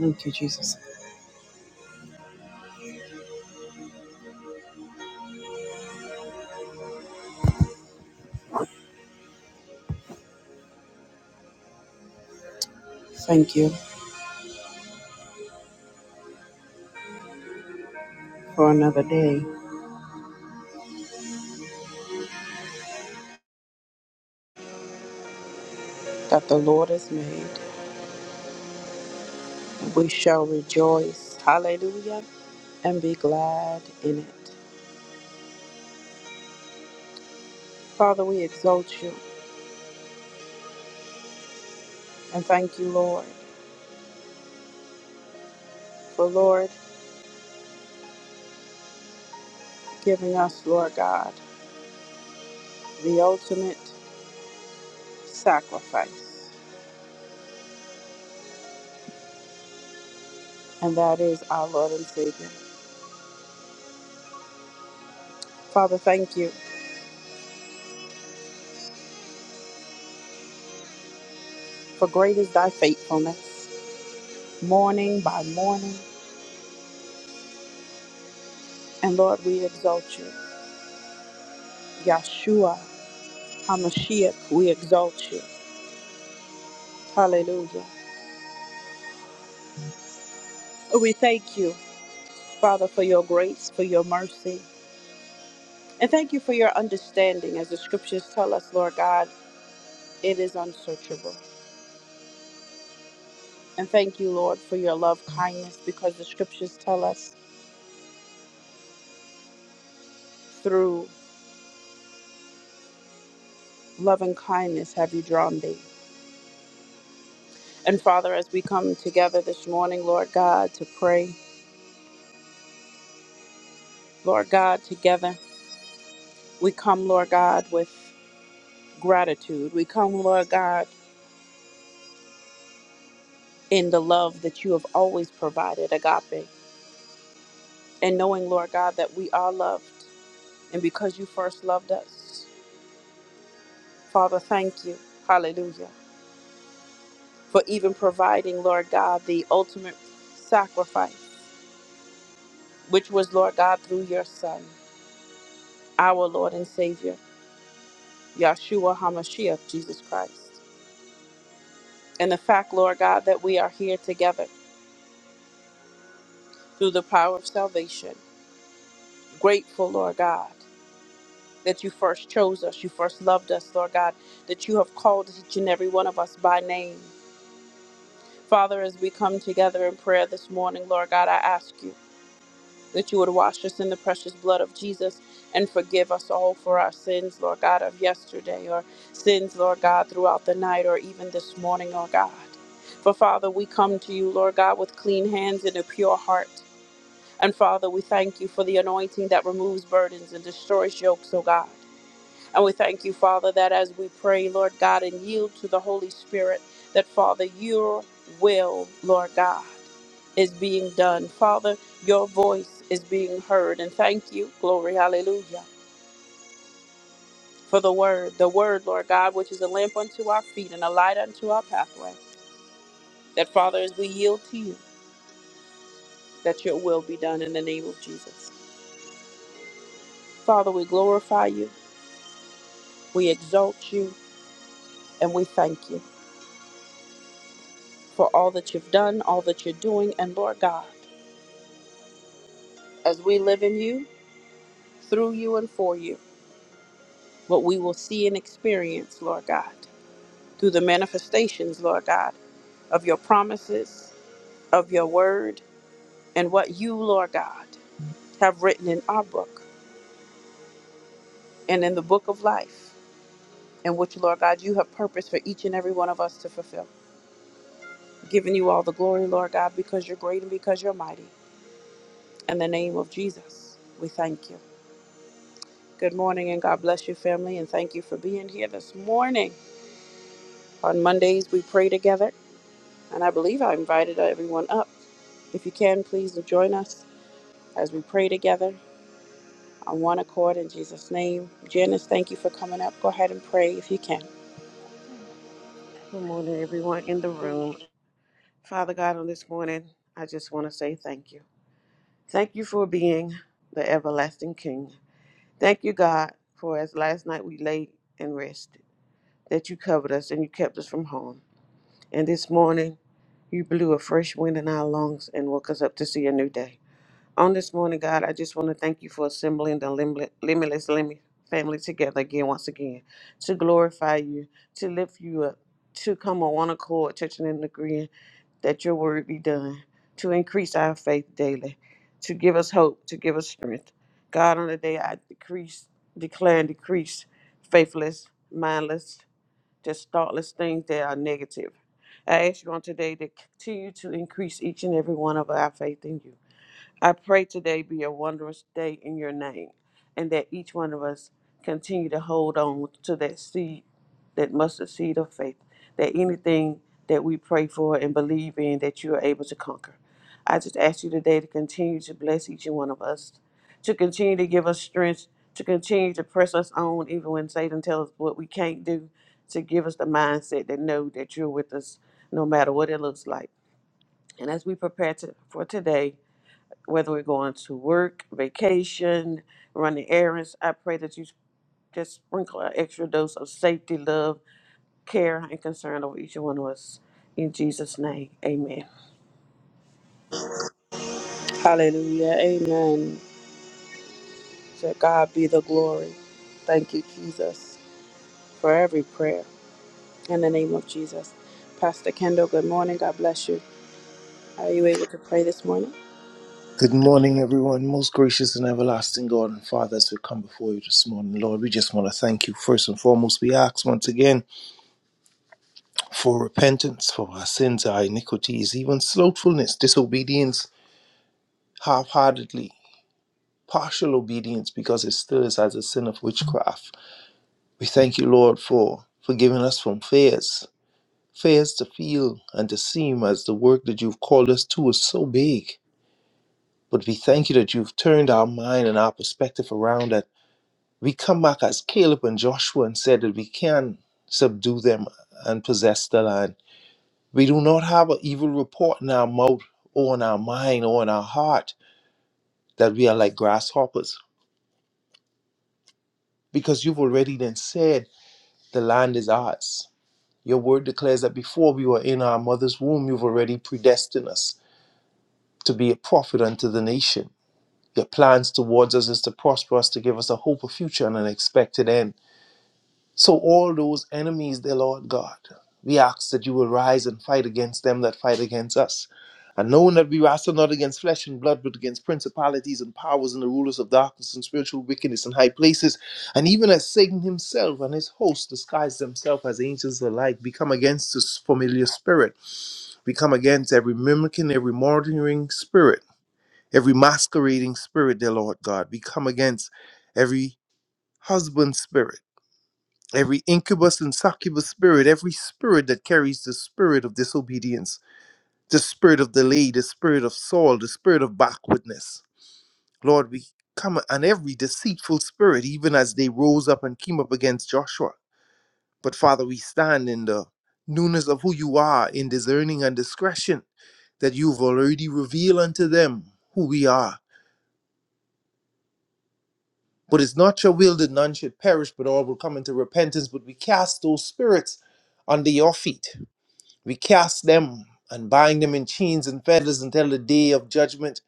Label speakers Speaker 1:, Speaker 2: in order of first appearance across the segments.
Speaker 1: Thank you, Jesus. Thank you for another day that the Lord has made. We shall rejoice. Hallelujah. And be glad in it. Father, we exalt you and thank you, Lord, for Lord giving us, Lord God, the ultimate sacrifice, and that is our Lord and Savior. Father, thank you for great is thy faithfulness, morning by morning. And Lord, we exalt you. Yeshua, HaMashiach, we exalt you. Hallelujah. We thank you, Father, for your grace, for your mercy, and thank you for your understanding. As the scriptures tell us, Lord God, it is unsearchable. And thank you, Lord, for your love kindness, because the scriptures tell us through love and kindness have you drawn thee. And Father, as we come together this morning, Lord God, to pray, Lord God, together, we come, Lord God, with gratitude. We come, Lord God, in the love that you have always provided, agape. and knowing, Lord God, that we are loved. And because you first loved us, Father, thank you, hallelujah, for even providing, Lord God, the ultimate sacrifice, which was, Lord God, through your Son, our Lord and Savior, Yahshua HaMashiach, Jesus Christ. And the fact, Lord God, that we are here together through the power of salvation. Grateful, Lord God, that you first chose us, you first loved us, Lord God, that you have called each and every one of us by name. Father, as we come together in prayer this morning, Lord God, I ask you that you would wash us in the precious blood of Jesus and forgive us all for our sins, Lord God, of yesterday or sins, Lord God, throughout the night or even this morning, oh God. For Father, we come to you, Lord God, with clean hands and a pure heart. And Father, we thank you for the anointing that removes burdens and destroys yokes, O God. And we thank you, Father, that as we pray, Lord God, and yield to the Holy Spirit, that, Father, your will, Lord God, is being done. Father, your voice is being heard. And thank you, glory, hallelujah, for the word, the word, Lord God, which is a lamp unto our feet and a light unto our pathway. That, Father, as we yield to you, that your will be done in the name of Jesus. Father, we glorify you, we exalt you, and we thank you for all that you've done, all that you're doing, and Lord God. as we live in you, through you, and for you, what we will see and experience, Lord God, through the manifestations, Lord God, of your promises, of your word, and what you, Lord God, have written in our book and in the book of life, in which, Lord God, you have purpose for each and every one of us to fulfill. Giving you all the glory, Lord God, because you're great and because you're mighty. In the name of Jesus, we thank you. Good morning and God bless you, family, and thank you for being here this morning. On Mondays, we pray together And I believe I invited everyone up. If you can, please join us as we pray together on one accord in Jesus' name. Janice, thank you for coming up. Go ahead and pray if you can.
Speaker 2: Good morning, everyone in the room. Father God, on this morning, I just want to say thank you. Thank you for being the everlasting King. Thank you, God, for as last night we lay and rested, that you covered us and you kept us from harm. And this morning, you blew a fresh wind in our lungs and woke us up to see a new day. On this morning, God, I just want to thank you for assembling the limli- limitless limit family together again, once again, to glorify you, to lift you up, to come on one accord, touching and agreeing that your word be done, to increase our faith daily, to give us hope, to give us strength. God, on the day I decrease, declare and decrease faithless, mindless, just thoughtless things that are negative. I ask you on today to continue to increase each and every one of our faith in you. I pray today be a wondrous day in your name, and that each one of us continue to hold on to that seed, that mustard seed of faith, that anything that we pray for and believe in, that you are able to conquer. I just ask you today to continue to bless each and one of us, to continue to give us strength, to continue to press us on, even when Satan tells us what we can't do, to give us the mindset that know that you're with us no matter what it looks like. And as we prepare to, for today, whether we're going to work, vacation, running errands. I pray that you just sprinkle an extra dose of safety, love, care, and concern over each one of us. In Jesus' name, amen.
Speaker 1: Hallelujah. Amen. To God be the glory. Thank you, Jesus, for every prayer. In the name of Jesus. Pastor Kendall, good morning. God bless you. Are you able to pray this morning?
Speaker 3: Good morning, everyone. Most gracious and everlasting God and Father, as we come before you this morning, Lord, we just want to thank you first and foremost. We ask once again for repentance for our sins, our iniquities, even slothfulness, disobedience, half heartedly, partial obedience, because it still is as a sin of witchcraft. We thank you, Lord, for forgiving us from fears. Fears to feel and to seem as the work that you've called us to is so big. But we thank you that you've turned our mind and our perspective around that We come back as Caleb and Joshua and said that we can subdue them and possess the land. We do not have an evil report in our mouth or in our mind or in our heart that we are like grasshoppers because you've already then said the land is ours. Your word declares that before we were in our mother's womb, you've already predestined us to be a prophet unto the nation. Your plans towards us is to prosper us, to give us a hope, a future, and an expected end. So, all those enemies, dear Lord God, we ask that you will rise and fight against them that fight against us. And knowing that we wrestle not against flesh and blood, but against principalities and powers and the rulers of darkness and spiritual wickedness in high places, and even as Satan himself and his host disguise themselves as angels alike, we come against this familiar spirit. We come against every mimicking, every murdering spirit, every masquerading spirit, dear Lord God. We come against every husband spirit every incubus and succubus spirit, every spirit that carries the spirit of disobedience, the spirit of delay, the spirit of Saul, the spirit of backwardness. Lord, we come on every deceitful spirit, even as they rose up and came up against Joshua. But Father, we stand in the newness of who you are, in discerning and discretion, that you've already revealed unto them who we are. But it's not your will that none should perish, but all will come into repentance. But we cast those spirits under your feet We cast them and bind them in chains and fetters until the day of judgment.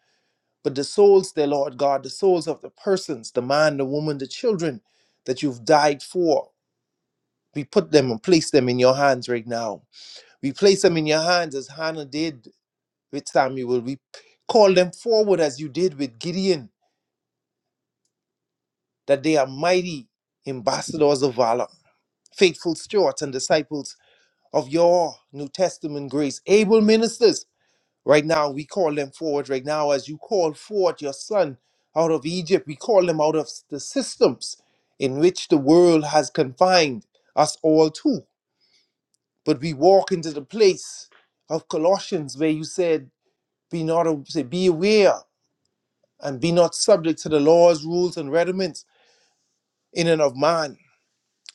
Speaker 3: But the souls, dear Lord God, the souls of the persons, the man, the woman, the children that you've died for, we put them and place them in your hands right now. We place them in your hands as Hannah did with Samuel. We call them forward as you did with Gideon, that they are mighty ambassadors of valor, faithful stewards and disciples of your New Testament grace, able ministers Right now, we call them forward. Right now, as you call forward your son out of Egypt, we call them out of the systems in which the world has confined us all to. But we walk into the place of Colossians where you said, Be not a- say, be aware and be not subject to the laws, rules, and rudiments in and of man.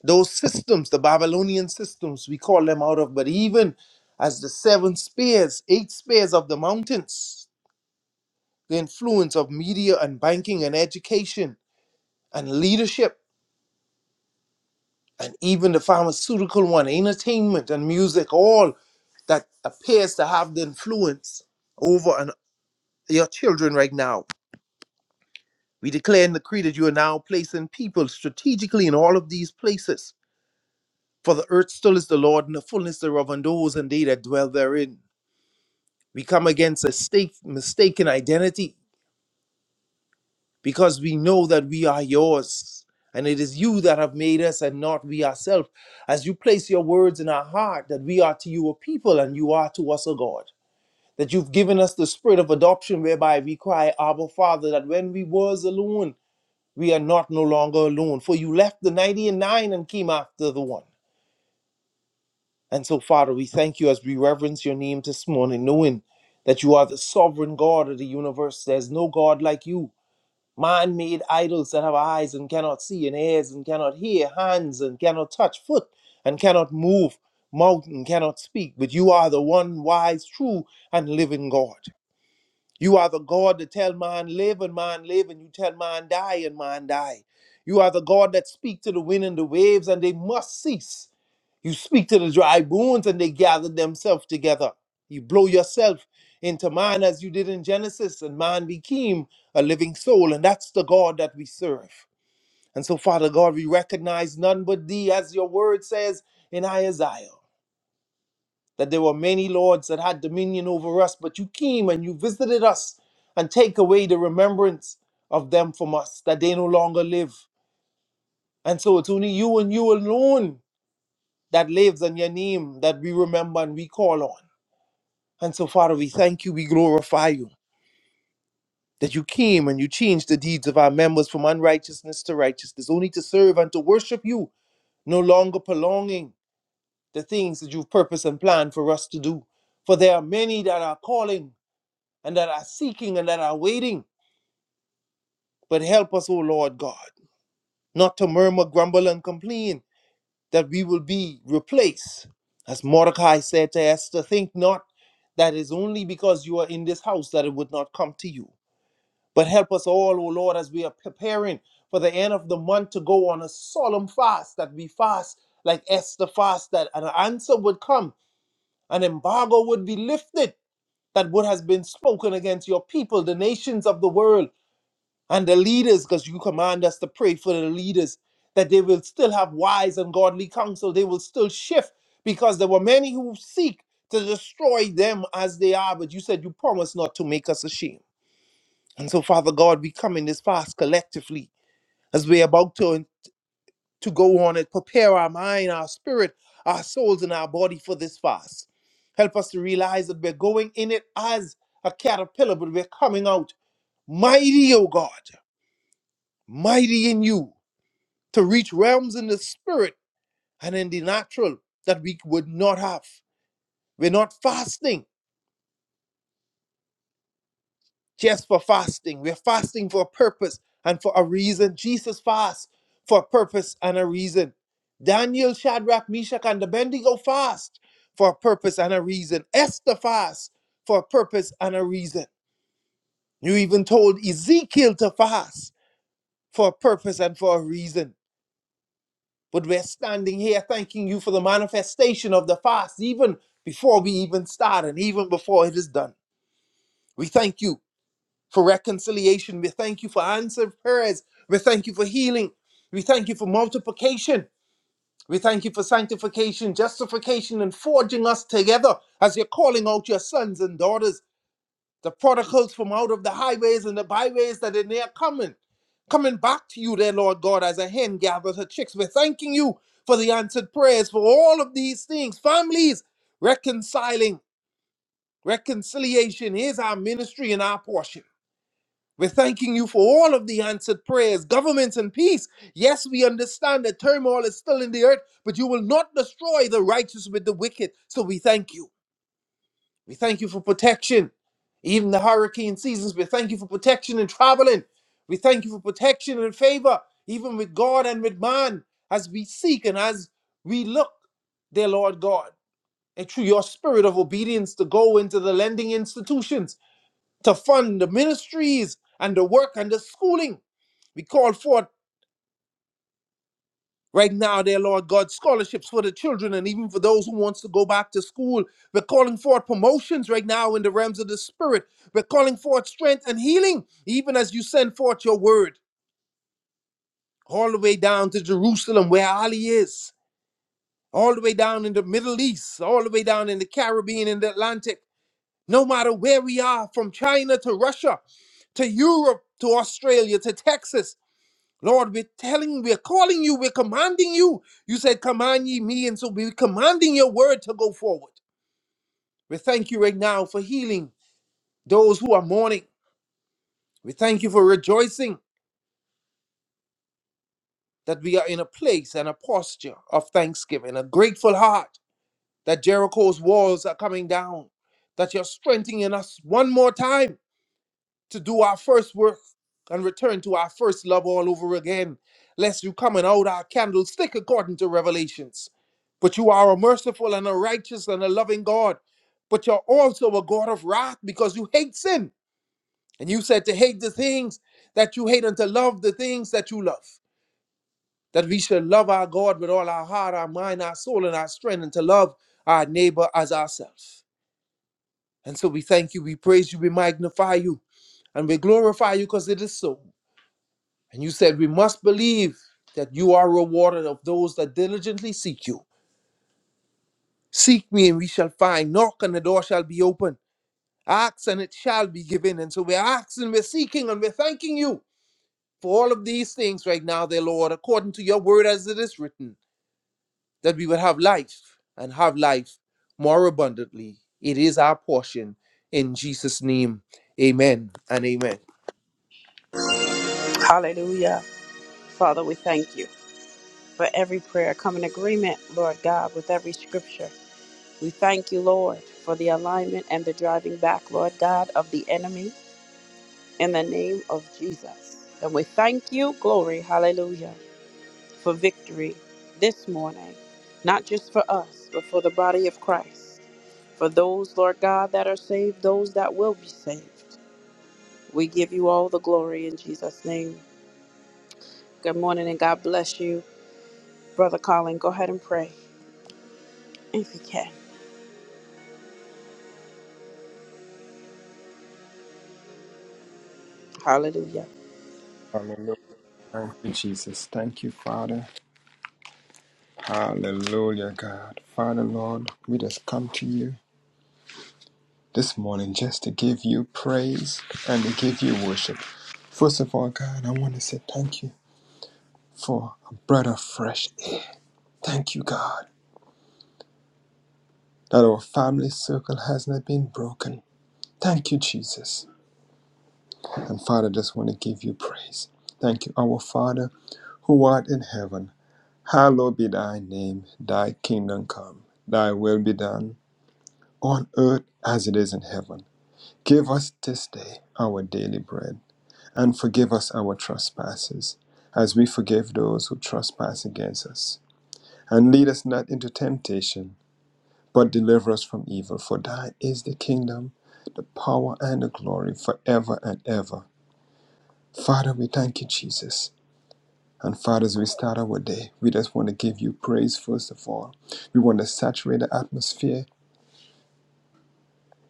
Speaker 3: Those systems, the Babylonian systems, we call them out of, but even as the seven spears, eight spears of the mountains. the influence of media and banking and education and leadership and even the pharmaceutical one, entertainment and music, all that appears to have the influence over an, your children right now. We declare in the creed that you are now placing people strategically in all of these places. For the earth still is the Lord and the fullness thereof and those and they that dwell therein. We come against a stake, mistaken identity because we know that we are yours and it is you that have made us and not we ourselves as you place your words in our heart that we are to you a people and you are to us a god that you've given us the spirit of adoption whereby we cry abba father that when we was alone we are not no longer alone for you left the ninety and nine and came after the one and so father we thank you as we reverence your name this morning knowing that you are the sovereign god of the universe there's no god like you Man made idols that have eyes and cannot see, and ears and cannot hear, hands and cannot touch, foot and cannot move, mouth and cannot speak. But you are the one wise, true, and living God. You are the God that tell man live and man live, and you tell man die and man die. You are the God that speak to the wind and the waves, and they must cease. You speak to the dry bones and they gather themselves together. You blow yourself into man as you did in Genesis, and man became a living soul. And that's the God that we serve. And so, Father God, we recognize none but thee, as your word says in Isaiah, that there were many lords that had dominion over us, but you came and you visited us and take away the remembrance of them from us, that they no longer live. And so it's only you and you alone that lives in your name that we remember and we call on. And so, Father, we thank you, we glorify you that you came and you changed the deeds of our members from unrighteousness to righteousness, only to serve and to worship you, no longer prolonging the things that you've purposed and planned for us to do. For there are many that are calling and that are seeking and that are waiting. But help us, O Lord God, not to murmur, grumble, and complain that we will be replaced. As Mordecai said to Esther, think not that it's only because you are in this house that it would not come to you But help us all, O Lord, as we are preparing for the end of the month to go on a solemn fast, that we fast like Esther fast, that an answer would come, an embargo would be lifted, that what has been spoken against your people, the nations of the world, and the leaders, because you command us to pray for the leaders, that they will still have wise and godly counsel, they will still shift, because there were many who seek to destroy them as they are, but you said you promised not to make us ashamed. And so, Father God, we come in this fast collectively as we're about to, to go on and prepare our mind, our spirit, our souls, and our body for this fast. Help us to realize that we're going in it as a caterpillar, but we're coming out mighty, O God, mighty in you to reach realms in the spirit and in the natural that we would not have. We're not fasting just for fasting. We're fasting for a purpose and for a reason. Jesus fasts for a purpose and a reason. Daniel, Shadrach, Meshach, and Abednego fast for a purpose and a reason. Esther fast for a purpose and a reason. You even told Ezekiel to fast for a purpose and for a reason. But we're standing here thanking you for the manifestation of the fast, even before we even start and even before it is done. We thank you for reconciliation. We thank you for answered prayers. We thank you for healing. We thank you for multiplication. We thank you for sanctification, justification, and forging us together as you're calling out your sons and daughters, the prodigals from out of the highways and the byways that are near coming, coming back to you, dear Lord God, as a hen gathers her chicks. We're thanking you for the answered prayers for all of these things. Families reconciling, reconciliation is our ministry and our portion. We're thanking you for all of the answered prayers, governments, and peace. Yes, we understand that turmoil is still in the earth, but you will not destroy the righteous with the wicked. So we thank you. We thank you for protection. Even the hurricane seasons, we thank you for protection and traveling. We thank you for protection and favor, even with God and with man, as we seek and as we look, dear Lord God, and through your spirit of obedience to go into the lending institutions, to fund the ministries and the work and the schooling we call forth right now, dear Lord God, scholarships for the children and even for those who wants to go back to school. We're calling forth promotions right now in the realms of the spirit. We're calling forth strength and healing, even as you send forth your word all the way down to Jerusalem where Ali is, all the way down in the Middle East, all the way down in the Caribbean and the Atlantic. No matter where we are, from China to Russia, to Europe, to Australia, to Texas. Lord, we're telling, we're calling you, we're commanding you. You said, Command ye me. And so we're commanding your word to go forward. We thank you right now for healing those who are mourning. We thank you for rejoicing that we are in a place and a posture of thanksgiving, a grateful heart that Jericho's walls are coming down, that you're strengthening us one more time to do our first work and return to our first love all over again, lest you come and out our candlestick according to Revelations. But you are a merciful and a righteous and a loving God. But you're also a God of wrath because you hate sin. And you said to hate the things that you hate and to love the things that you love. That we shall love our God with all our heart, our mind, our soul, and our strength, and to love our neighbor as ourselves. And so we thank you, we praise you, we magnify you, and we glorify you because it is so. And you said, We must believe that you are rewarded of those that diligently seek you. Seek me and we shall find. Knock and the door shall be open. Ask and it shall be given. And so we're asking, we're seeking, and we're thanking you for all of these things right now, dear Lord, according to your word as it is written, that we would have life and have life more abundantly. It is our portion. In Jesus' name, amen and amen.
Speaker 1: Hallelujah. Father, we thank you for every prayer. Come in agreement, Lord God, with every scripture. We thank you, Lord, for the alignment and the driving back, Lord God, of the enemy in the name of Jesus. And we thank you, glory, hallelujah, for victory this morning, not just for us, but for the body of Christ, for those, Lord God, that are saved, those that will be saved. We give you all the glory in Jesus' name. Good morning and God bless you. Brother Colin, go ahead and pray if you can. Hallelujah.
Speaker 4: Hallelujah. Thank you, Jesus. Thank you, Father. Hallelujah, God. Father, Lord, we just come to you this morning just to give you praise and to give you worship. First of all, God, I want to say thank you for a breath of fresh air. Thank you, God, that our family circle has not been broken. Thank you, Jesus. And Father, just want to give you praise. Thank you, our Father who art in heaven. Hallowed be thy name, thy kingdom come, thy will be done on earth as it is in heaven. Give us this day our daily bread, and forgive us our trespasses, as we forgive those who trespass against us. And lead us not into temptation, but deliver us from evil. For thine is the kingdom, the power, and the glory forever and ever. Father, we thank you, Jesus. And Father, as we start our day, we just want to give you praise first of all. We want to saturate the atmosphere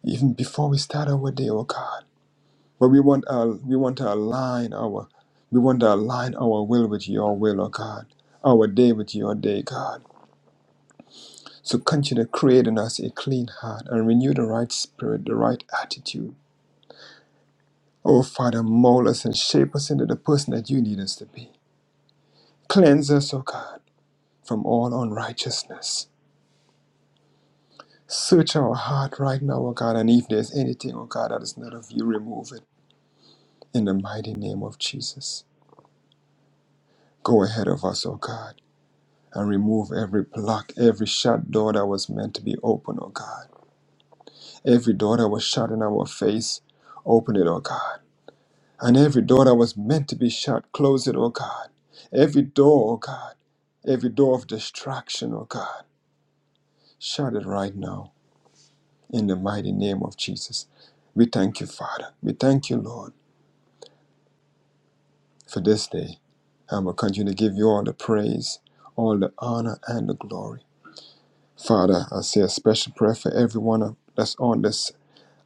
Speaker 4: even before we start our day, oh God. But we want our, we want to align our we want to align our will with your will, O God. Our day with your day, God. So continue to create in us a clean heart and renew the right spirit, the right attitude. Oh Father, mold us and shape us into the person that you need us to be. Cleanse us, O God, from all unrighteousness. Search our heart right now, O God, and if there's anything, O God, that is not of you, remove it. In the mighty name of Jesus. Go ahead of us, O God. and remove every block, every shut door that was meant to be open, oh God. Every door that was shut in our face, open it, oh God. And every door that was meant to be shut, close it, oh God. Every door, oh God. Every door of distraction, oh God. Shut it right now in the mighty name of Jesus. We thank you, Father. We thank you, Lord, for this day. And we'll continue to give you all the praise, all the honor, and the glory. Father, I say a special prayer for everyone that's on this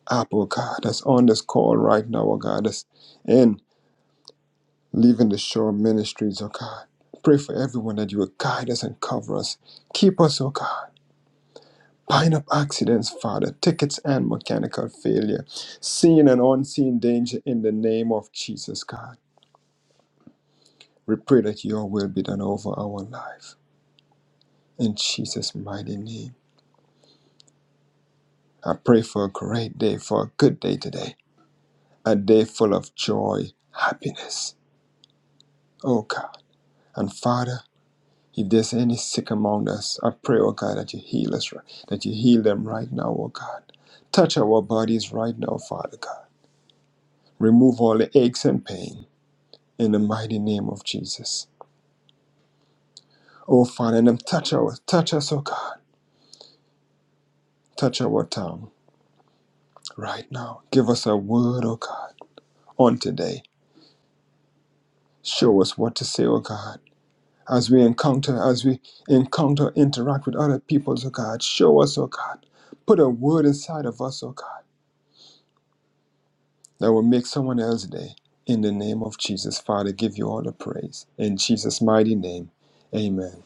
Speaker 4: up, oh God, that's on this call right now, oh God, that's in leaving the shore ministries, oh God. Pray for everyone that you will guide us and cover us. Keep us, oh God. Bind up accidents, Father, tickets and mechanical failure, seen and unseen danger in the name of Jesus, God. We pray that your will be done over our life. In Jesus' mighty name, I pray for a great day, for a good day today, a day full of joy, happiness, oh God. And Father, If there's any sick among us, I pray, oh God, that you heal us, right- that you heal them right now, oh God. Touch our bodies right now, Father God. Remove all the aches and pain in the mighty name of Jesus. Oh Father, and then touch our touch us, oh God. Touch our tongue right now. Give us a word, oh God, on today. Show us what to say, oh God. As we encounter, as we encounter, interact with other people, oh God. Show us, oh God. Put a word inside of us, oh God that will make someone else's day. In the name of Jesus, Father, give you all the praise. In Jesus' mighty name, amen.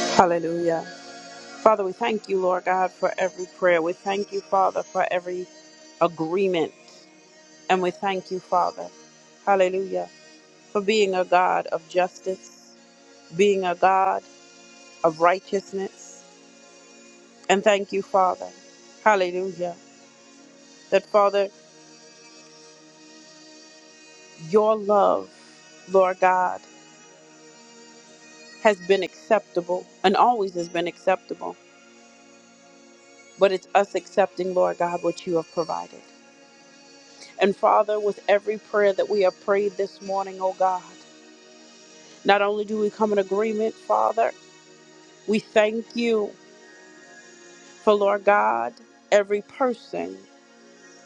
Speaker 1: Hallelujah. Father, we thank you, Lord God, for every prayer. We thank you, Father, for every agreement. And we thank you, Father, hallelujah, for being a God of justice, being a God of righteousness. And thank you, Father, hallelujah, that, Father, your love, Lord God, has been acceptable and always has been acceptable. But it's us accepting, Lord God, what you have provided. And Father, with every prayer that we have prayed this morning, oh God. Not only do we come in agreement, Father, we thank you for, Lord God, every person,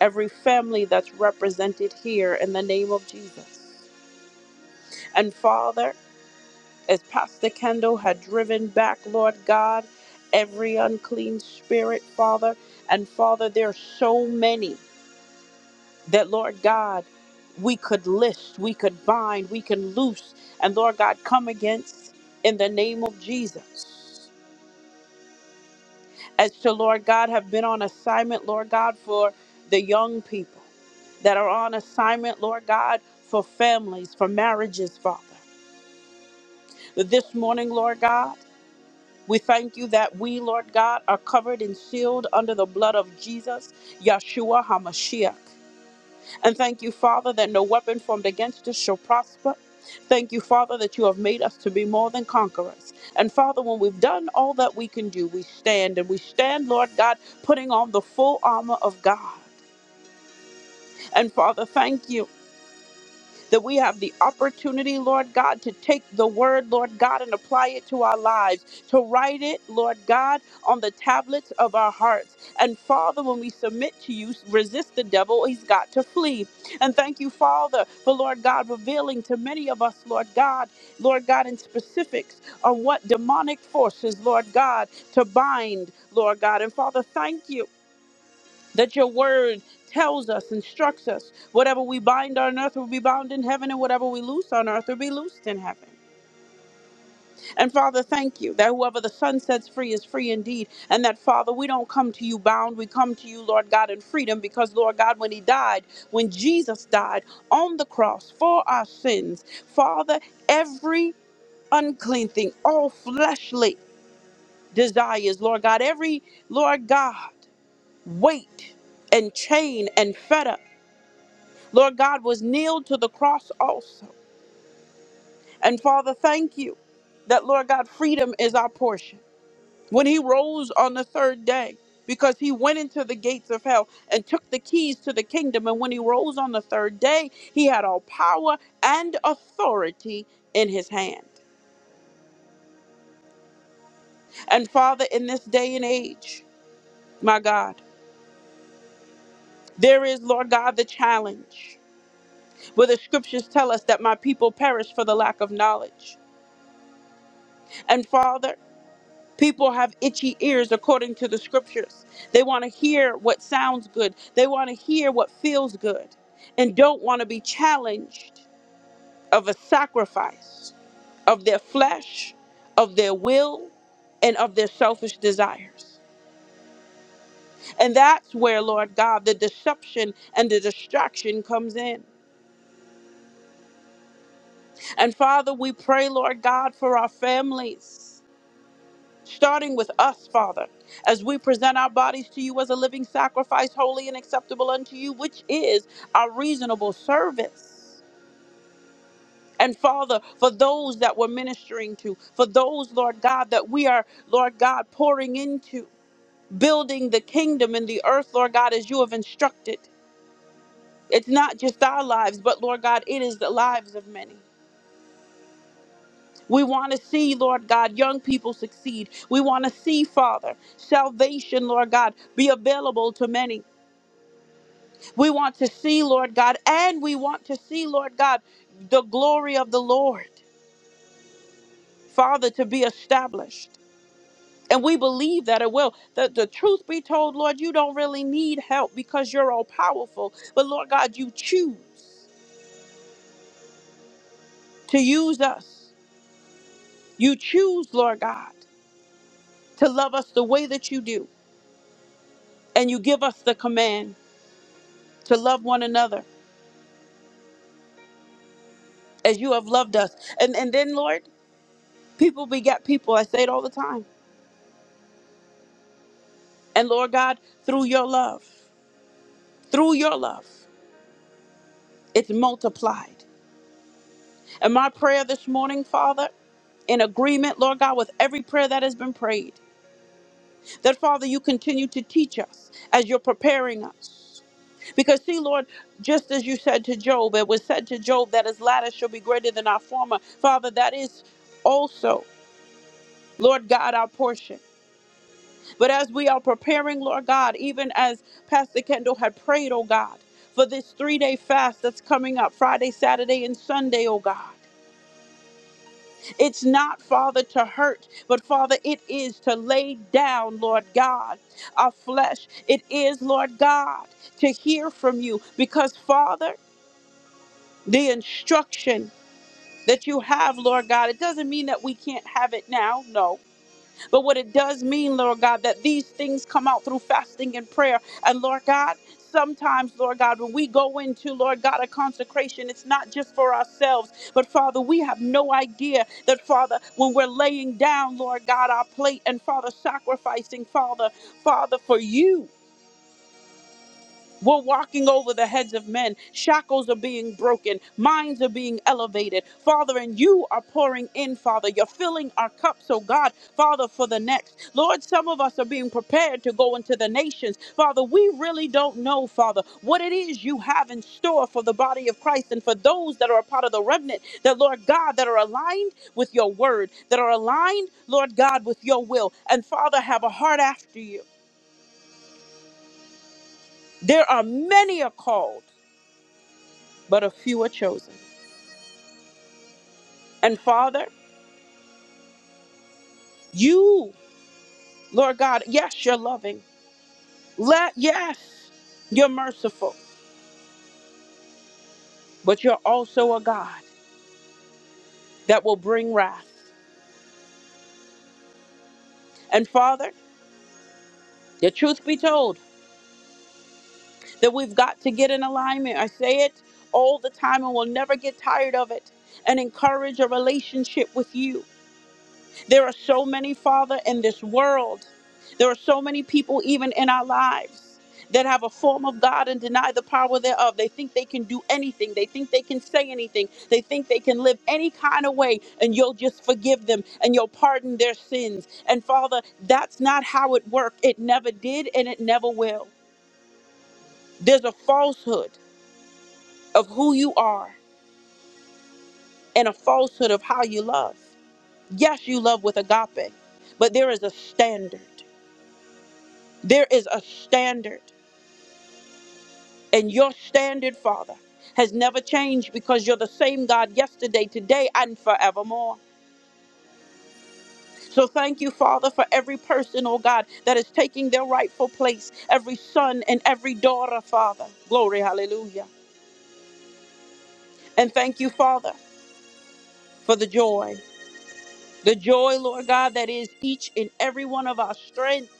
Speaker 1: every family that's represented here in the name of Jesus. And Father, as Pastor Kendall had driven back, Lord God, every unclean spirit, Father, and Father, there are so many that, Lord God, we could list, we could bind, we can loose, and Lord God, come against in the name of Jesus. as to Lord God have been on assignment, Lord God, for the young people that are on assignment, Lord God, for families, for marriages, Father. This morning, Lord God, we thank you that we, Lord God, are covered and sealed under the blood of Jesus, Yeshua HaMashiach. And thank you, Father, that no weapon formed against us shall prosper. Thank you, Father, that you have made us to be more than conquerors. And Father, when we've done all that we can do, we stand and we stand, Lord God, putting on the full armor of God. And Father, thank you that we have the opportunity, Lord God, to take the word, Lord God, and apply it to our lives, to write it, Lord God, on the tablets of our hearts. And Father, when we submit to you, resist the devil, he's got to flee. And thank you, Father, for Lord God revealing to many of us, Lord God, Lord God, in specifics on what demonic forces, Lord God, to bind, Lord God. And Father, thank you that your word tells us, instructs us. Whatever we bind on earth will be bound in heaven, and whatever we loose on earth will be loosed in heaven. And Father, thank you that whoever the Son sets free is free indeed. And that, Father, we don't come to you bound. We come to you, Lord God, in freedom because, Lord God, when He died, when Jesus died on the cross for our sins, Father, every unclean thing, all fleshly desires, Lord God, every, Lord God, weight and chain and fetter Lord God, was nailed to the cross also. And Father, thank you that, Lord God, freedom is our portion. When he rose on the third day, because he went into the gates of hell and took the keys to the kingdom. And when he rose on the third day, he had all power and authority in his hand. And Father, in this day and age, my God, there is, Lord God, the challenge where the scriptures tell us that my people perish for the lack of knowledge. And Father, People have itchy ears according to the scriptures. They want to hear what sounds good, they want to hear what feels good, and don't want to be challenged of a sacrifice of their flesh, of their will, and of their selfish desires. And that's where, Lord God, the deception and the distraction comes in. And Father, we pray, Lord God, for our families. starting with us, Father, as we present our bodies to you as a living sacrifice, holy and acceptable unto you, which is our reasonable service. And Father, for those that we're ministering to, for those, Lord God, that we are, Lord God, pouring into, building the kingdom in the earth, Lord God, as you have instructed. It's not just our lives, but Lord God, it is the lives of many. We want to see, Lord God, young people succeed. We want to see, Father, salvation, Lord God, be available to many. We want to see, Lord God, and we want to see, Lord God, the glory of the Lord, Father, to be established. And we believe that it will. The, the truth be told, Lord, you don't really need help because you're all powerful. But Lord God, you choose to use us. You choose, Lord God, to love us the way that you do. And you give us the command. to love one another as you have loved us. And and then Lord, people beget people. I say it all the time. And Lord God, through your love, through your love, it's multiplied. And my prayer this morning, Father, in agreement, Lord God, with every prayer that has been prayed, that Father, you continue to teach us as you're preparing us. Because see, Lord, just as you said to Job, it was said to Job that his latter shall be greater than our former. Father, that is also, Lord God, our portion. But as we are preparing, Lord God, even as Pastor Kendall had prayed, oh God, for this three day fast that's coming up Friday, Saturday, and Sunday, oh God. It's not, Father, to hurt, but Father, it is to lay down, Lord God, our flesh. It is, Lord God, to hear from you because, Father, the instruction that you have, Lord God, it doesn't mean that we can't have it now. No. But what it does mean, Lord God, that these things come out through fasting and prayer. And Lord God, sometimes, Lord God, when we go into, Lord God, a consecration, it's not just for ourselves, but Father, we have no idea that, Father, when we're laying down, Lord God, our plate and, Father, sacrificing, Father, Father, for you. We're walking over the heads of men. Shackles are being broken. Minds are being elevated. Father, and you are pouring in, Father. You're filling our cups, oh God, Father, for the next. Lord, some of us are being prepared to go into the nations. Father, we really don't know, Father, what it is you have in store for the body of Christ and for those that are a part of the remnant, that, Lord God, that are aligned with your word, that are aligned, Lord God, with your will. And Father, have a heart after you. There are many are called but a few are chosen. And Father, you, Lord God, yes, you're loving. Let yes, you're merciful, but you're also a God that will bring wrath. And Father, the truth be told, that we've got to get in alignment. I say it all the time and we'll never get tired of it and encourage a relationship with you. There are so many, Father, in this world. There are so many people, even in our lives, that have a form of God and deny the power thereof. They think they can do anything. They think they can say anything. They think they can live any kind of way, and you'll just forgive them and you'll pardon their sins. And Father, that's not how it worked. It never did, and it never will. There's a falsehood of who you are and a falsehood of how you love. Yes, you love with agape, but there is a standard. There is a standard, and your standard, Father, has never changed because you're the same God yesterday, today, and forevermore. So thank you, Father, for every person, oh God, that is taking their rightful place, every son and every daughter, Father. Glory, hallelujah. And thank you, Father, for the joy, the joy, Lord God, that is each and every one of our strength.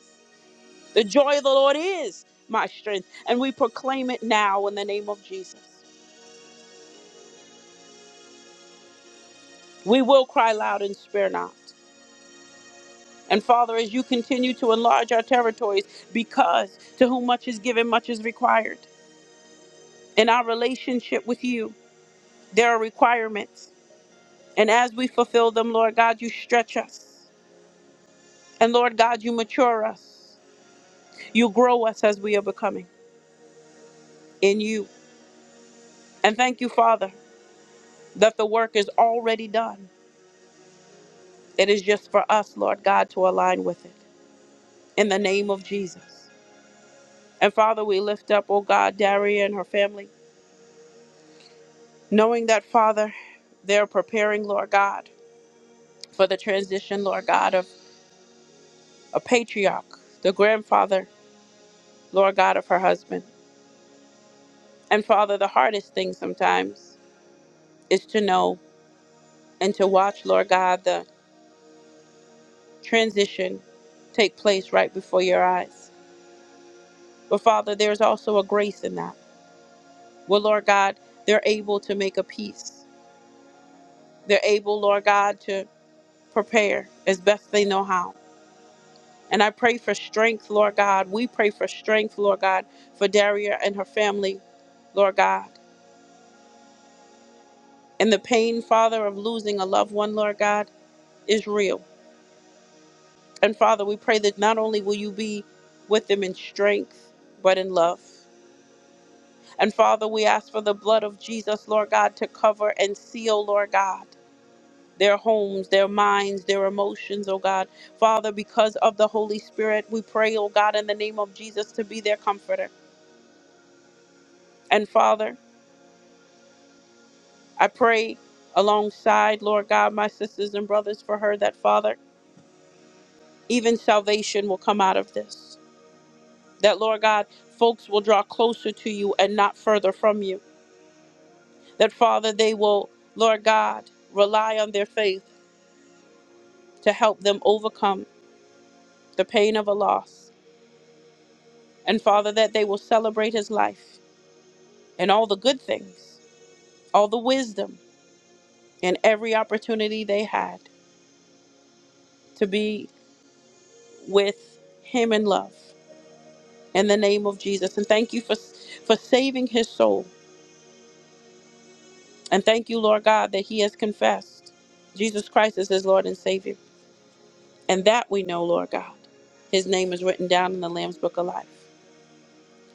Speaker 1: The joy of the Lord is my strength, and we proclaim it now in the name of Jesus. We will cry loud and spare not. And Father, as you continue to enlarge our territories, because to whom much is given, much is required. In our relationship with you, there are requirements. And as we fulfill them, Lord God, you stretch us. And Lord God, you mature us. You grow us as we are becoming in you. And thank you, Father, that the work is already done. It is just for us, Lord God, to align with it. In the name of Jesus. And Father, we lift up, oh God, Daria and her family. knowing that, Father, they're preparing, Lord God, for the transition, Lord God, of a patriarch, the grandfather, Lord God, of her husband. And Father, the hardest thing sometimes is to know and to watch, Lord God, the transition take place right before your eyes. But Father, there's also a grace in that. Well, Lord God, they're able to make a peace. They're able, Lord God, to prepare as best they know how And I pray for strength, Lord God. We pray for strength, Lord God, for Daria and her family, Lord God. And the pain, Father, of losing a loved one, Lord God, is real. And Father, we pray that not only will you be with them in strength, but in love. And Father, we ask for the blood of Jesus, Lord God, to cover and seal, Lord God, their homes, their minds, their emotions, oh God. Father, because of the Holy Spirit, we pray, oh God, in the name of Jesus to be their comforter. And Father, I pray alongside, Lord God, my sisters and brothers for her that, Father, even salvation will come out of this. That, Lord God, folks will draw closer to you and not further from you. That, Father, they will, Lord God, rely on their faith to help them overcome the pain of a loss. And, Father, that they will celebrate his life and all the good things, all the wisdom, and every opportunity they had to be with him in love. in the name of Jesus. And thank you for for saving his soul. And thank you, Lord God, that he has confessed Jesus Christ as his Lord and Savior. And that we know, Lord God. His name is written down in the Lamb's Book of Life.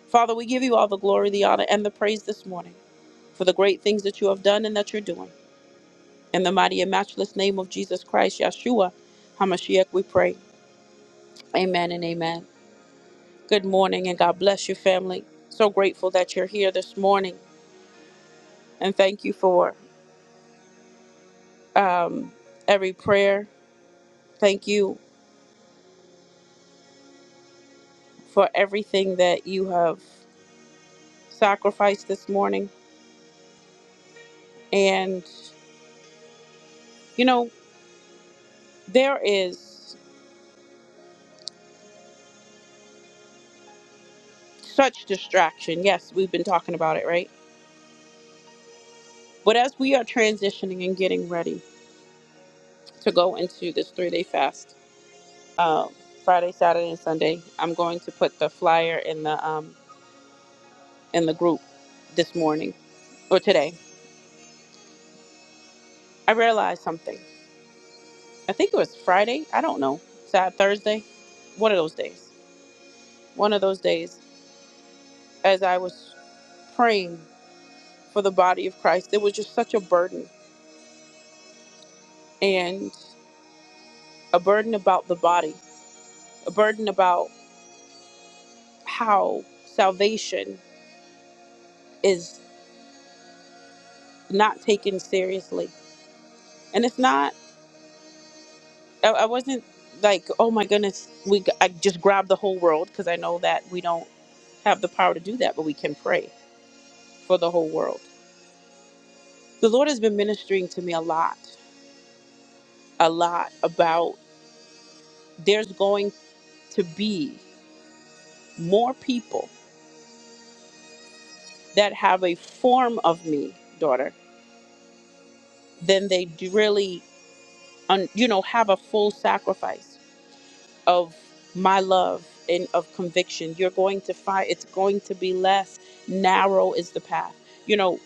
Speaker 1: Father, we give you all the glory, the honor, and the praise this morning for the great things that you have done and that you're doing. In the mighty and matchless name of Jesus Christ, Yeshua, HaMashiach, we pray. Amen and amen. Good morning and God bless you, family. So grateful that you're here this morning. And thank you for um, every prayer. Thank you for everything that you have sacrificed this morning. And, you know, there is such distraction. Yes, we've been talking about it, right? But as we are transitioning and getting ready to go into this three day fast, um, Friday, Saturday, and Sunday, I'm going to put the flyer in the um, in the group this morning or today. I realized something. I think it was Friday. I don't know. Sad Thursday. One of those days one of those days as I was praying for the body of Christ. There was just such a burden and a burden about the body, a burden about how salvation is not taken seriously. And it's not, I, I wasn't like, oh my goodness, we g- I just grabbed the whole world because I know that we don't have the power to do that, but we can pray for the whole world. The Lord has been ministering to me a lot, a lot about there's going to be more people that have a form of me, daughter, then they do really, un, you know, have a full sacrifice of my love and of conviction. You're going to find it's going to be less narrow is the path. You know,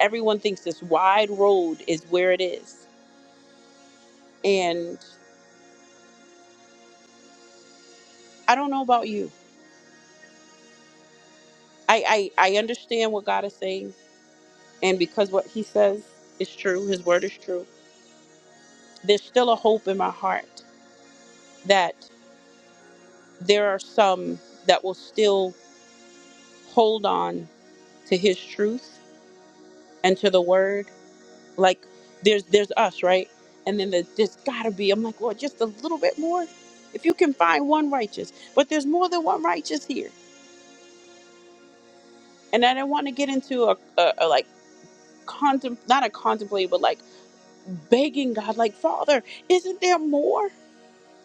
Speaker 1: everyone thinks this wide road is where it is, and I don't know about you. I I, I understand what God is saying, and because what He says is true, His word is true. There's still a hope in my heart that there are some that will still hold on to his truth and to the word like there's there's us right and then the, there's gotta be i'm like well just a little bit more if you can find one righteous but there's more than one righteous here and i do not want to get into a, a, a like contem not a contemplate but like begging god like father isn't there more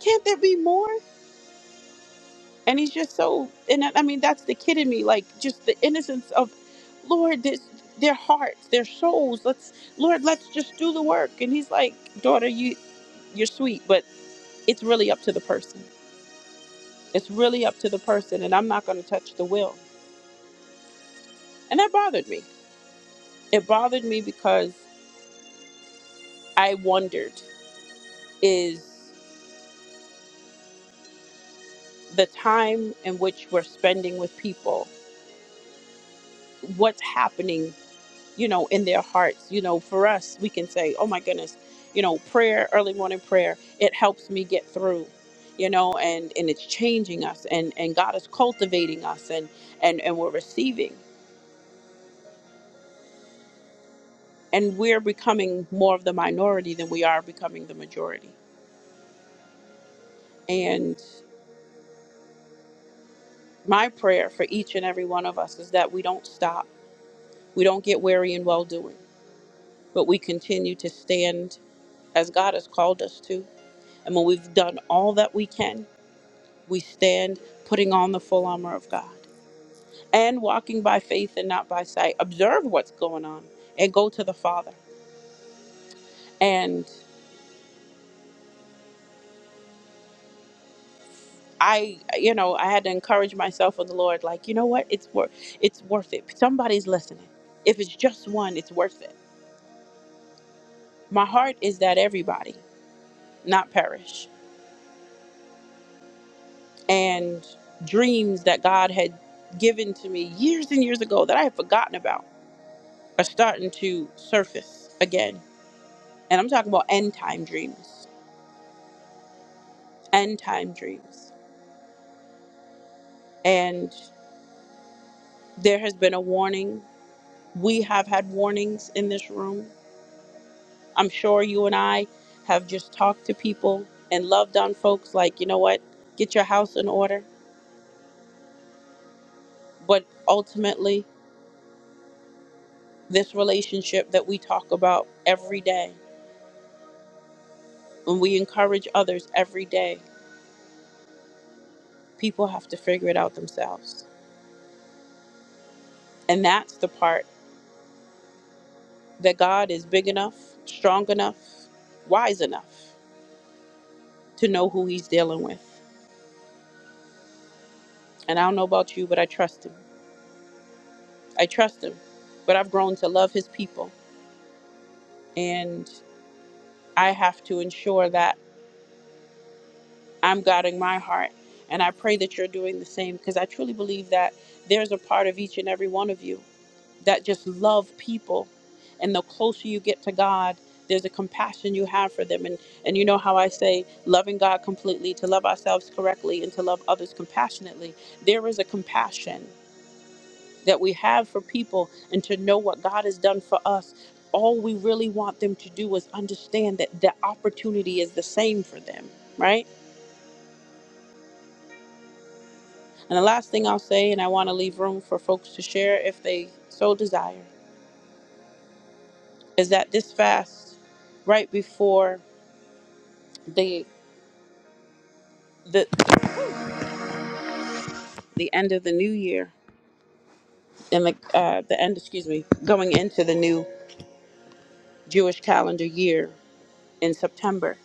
Speaker 1: can't there be more and he's just so and I I mean that's the kid in me like just the innocence of Lord this their hearts their souls let's Lord let's just do the work and he's like daughter you you're sweet but it's really up to the person it's really up to the person and I'm not going to touch the will and that bothered me it bothered me because I wondered is the time in which we're spending with people what's happening you know, in their hearts. You know, for us, we can say, oh my goodness, you know, prayer, early morning prayer, it helps me get through you know and and it's changing us and and god is cultivating us and and and we're receiving and we're becoming more of the minority than we are becoming the majority and my prayer for each and every one of us is that we don't stop we don't get weary in well doing but we continue to stand as god has called us to and when we've done all that we can we stand putting on the full armor of God and walking by faith and not by sight. Observe what's going on and go to the Father. And I, you know, I had to encourage myself with the Lord, like, you know what? It's worth it's worth it. Somebody's listening. If it's just one, it's worth it. My heart is that everybody not perish. And dreams that God had given to me years and years ago that I had forgotten about are starting to surface again. And I'm talking about end time dreams end time dreams. And there has been a warning. We have had warnings in this room. I'm sure you and I have just talked to people and loved on folks like, you know what, get your house in order. But ultimately, this relationship that we talk about every day, when we encourage others every day, people have to figure it out themselves. And that's the part that God is big enough, strong enough, wise enough to know who he's dealing with. And I don't know about you, but I trust him. I trust him. But I've grown to love his people. And I have to ensure that I'm guarding my heart. And I pray that you're doing the same because I truly believe that there's a part of each and every one of you that just love people. And the closer you get to God, there's a compassion you have for them. And, and you know how I say loving God completely, to love ourselves correctly, and to love others compassionately. There is a compassion that we have for people and to know what God has done for us. All we really want them to do is understand that the opportunity is the same for them, right? And the last thing I'll say, and I want to leave room for folks to share if they so desire, is that this fast, right before the the the end of the new year and the uh, the end, excuse me, going into the new Jewish calendar year in September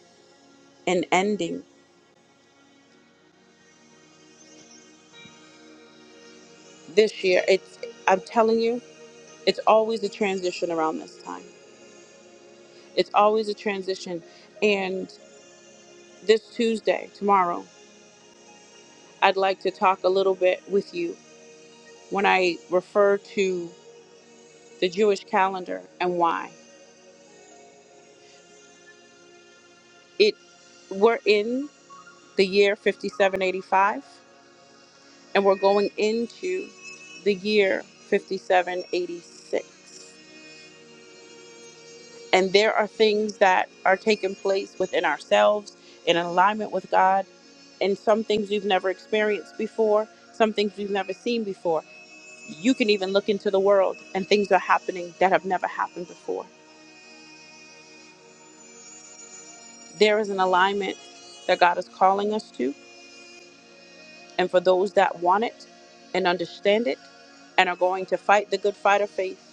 Speaker 1: and ending this year, it's I'm telling you. It's always a transition around this time. It's always a transition. And this Tuesday, tomorrow, I'd like to talk a little bit with you when I refer to the Jewish calendar and why. It we're in the year 5785 and we're going into the year 5786. And there are things that are taking place within ourselves in alignment with God, and some things we've never experienced before, some things we've never seen before. You can even look into the world, and things are happening that have never happened before. There is an alignment that God is calling us to, and for those that want it and understand it and are going to fight the good fight of faith,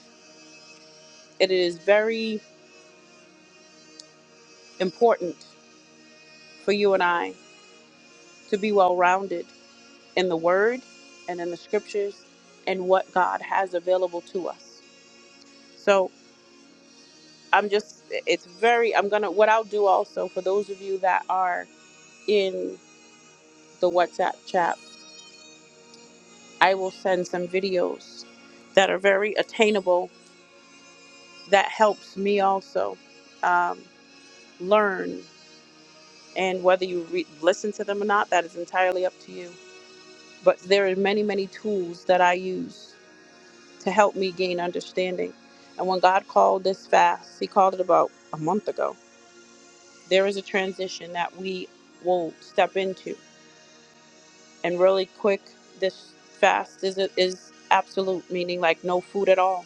Speaker 1: it is very important for you and I to be well rounded in the Word and in the Scriptures and what God has available to us. So I'm just, it's very, I'm going to, what I'll do also for those of you that are in the WhatsApp chat, I will send some videos that are very attainable that helps me also um, learn. And whether you re- listen to them or not, that is entirely up to you. But there are many, many tools that I use to help me gain understanding. And when God called this fast, He called it about a month ago. There is a transition that we will step into. And really quick, this fast is, is absolute, meaning like no food at all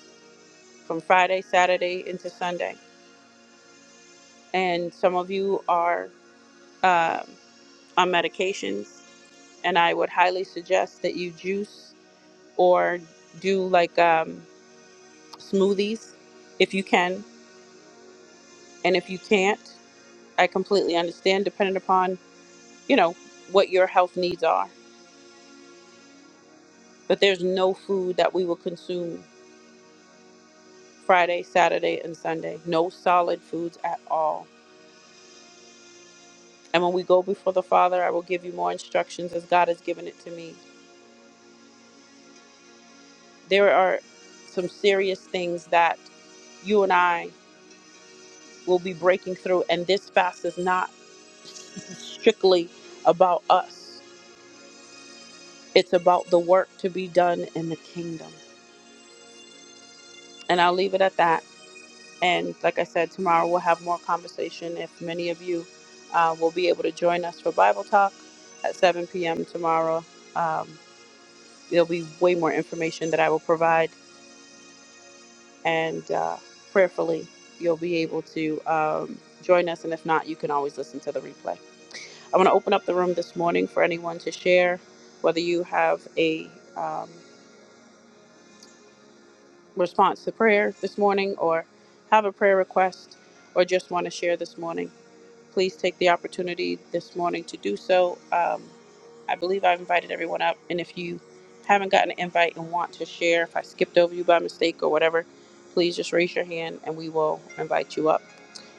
Speaker 1: from Friday, Saturday into Sunday. And some of you are uh, on medications, and I would highly suggest that you juice or do like um, smoothies if you can. And if you can't, I completely understand, depending upon, you know, what your health needs are. But there's no food that we will consume Friday, Saturday, and Sunday. No solid foods at all. And when we go before the Father, I will give you more instructions as God has given it to me. There are some serious things that you and I will be breaking through. And this fast is not strictly about us, it's about the work to be done in the kingdom. And I'll leave it at that. And like I said, tomorrow we'll have more conversation. If many of you uh, will be able to join us for Bible Talk at 7 p.m. tomorrow, um, there'll be way more information that I will provide. And uh, prayerfully, you'll be able to um, join us. And if not, you can always listen to the replay. I want to open up the room this morning for anyone to share whether you have a um, response to prayer this morning or have a prayer request or just want to share this morning. Please take the opportunity this morning to do so. Um, I believe I've invited everyone up, and if you haven't gotten an invite and want to share, if I skipped over you by mistake or whatever, please just raise your hand and we will invite you up.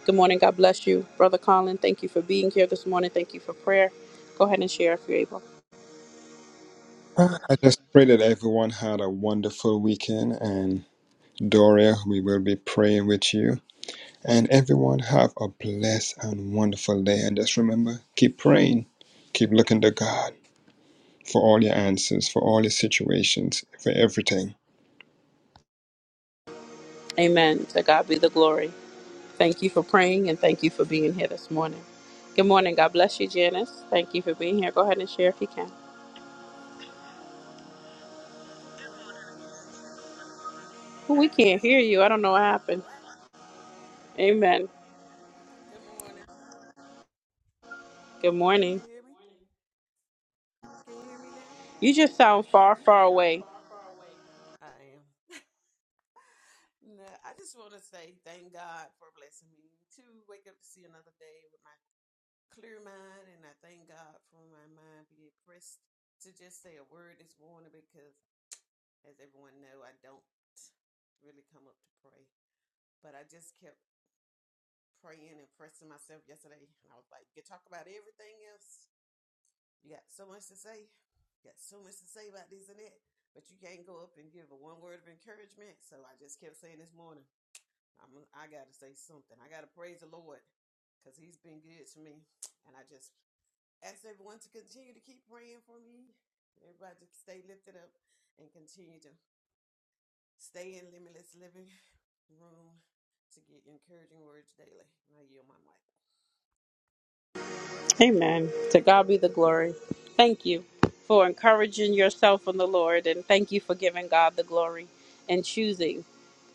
Speaker 1: Good morning. God bless you, Brother Colin. Thank you for being here this morning. Thank you for prayer. Go ahead and share if you're able.
Speaker 4: Ah, I just pray that everyone had a wonderful weekend. And Doria, we will be praying with you. And everyone have a blessed and wonderful day. And just remember, keep praying, keep looking to God for all your answers, for all your situations, for everything.
Speaker 1: Amen. To God be the glory. Thank you for praying and thank you for being here this morning. Good morning. God bless you, Janice. Thank you for being here. Go ahead and share if you can.
Speaker 2: Um, good morning again to everyone in the room. I
Speaker 1: We
Speaker 2: just
Speaker 1: can't hear you. I don't know what happened.
Speaker 2: what?
Speaker 1: Amen.
Speaker 2: Good morning.
Speaker 1: Good
Speaker 2: Do you
Speaker 1: morning.
Speaker 2: hear me? Morning. Can you hear me now?
Speaker 1: You just sound far, far away.
Speaker 2: I am. No, I just want to say thank God for blessing me to wake up to see another day with my clear mind, and I thank God for my mind being pressed to just say a word this morning because, as everyone know, I don't really come up to pray, but I just kept praying and pressing myself yesterday, and I was like, "You talk about everything else. You got so much to say. You got so much to say about this and that, but you can't go up and give a one word of encouragement." So I just kept saying this morning, "I'm I got to say something. I got to praise the Lord because He's been good to me." And I just ask everyone to continue to keep praying for me. Everybody to stay lifted up and continue to stay in limitless living room to get encouraging words daily. I yield my mic.
Speaker 1: Amen. To God be the glory. Thank you for encouraging yourself in the Lord, and thank you for giving God the glory and choosing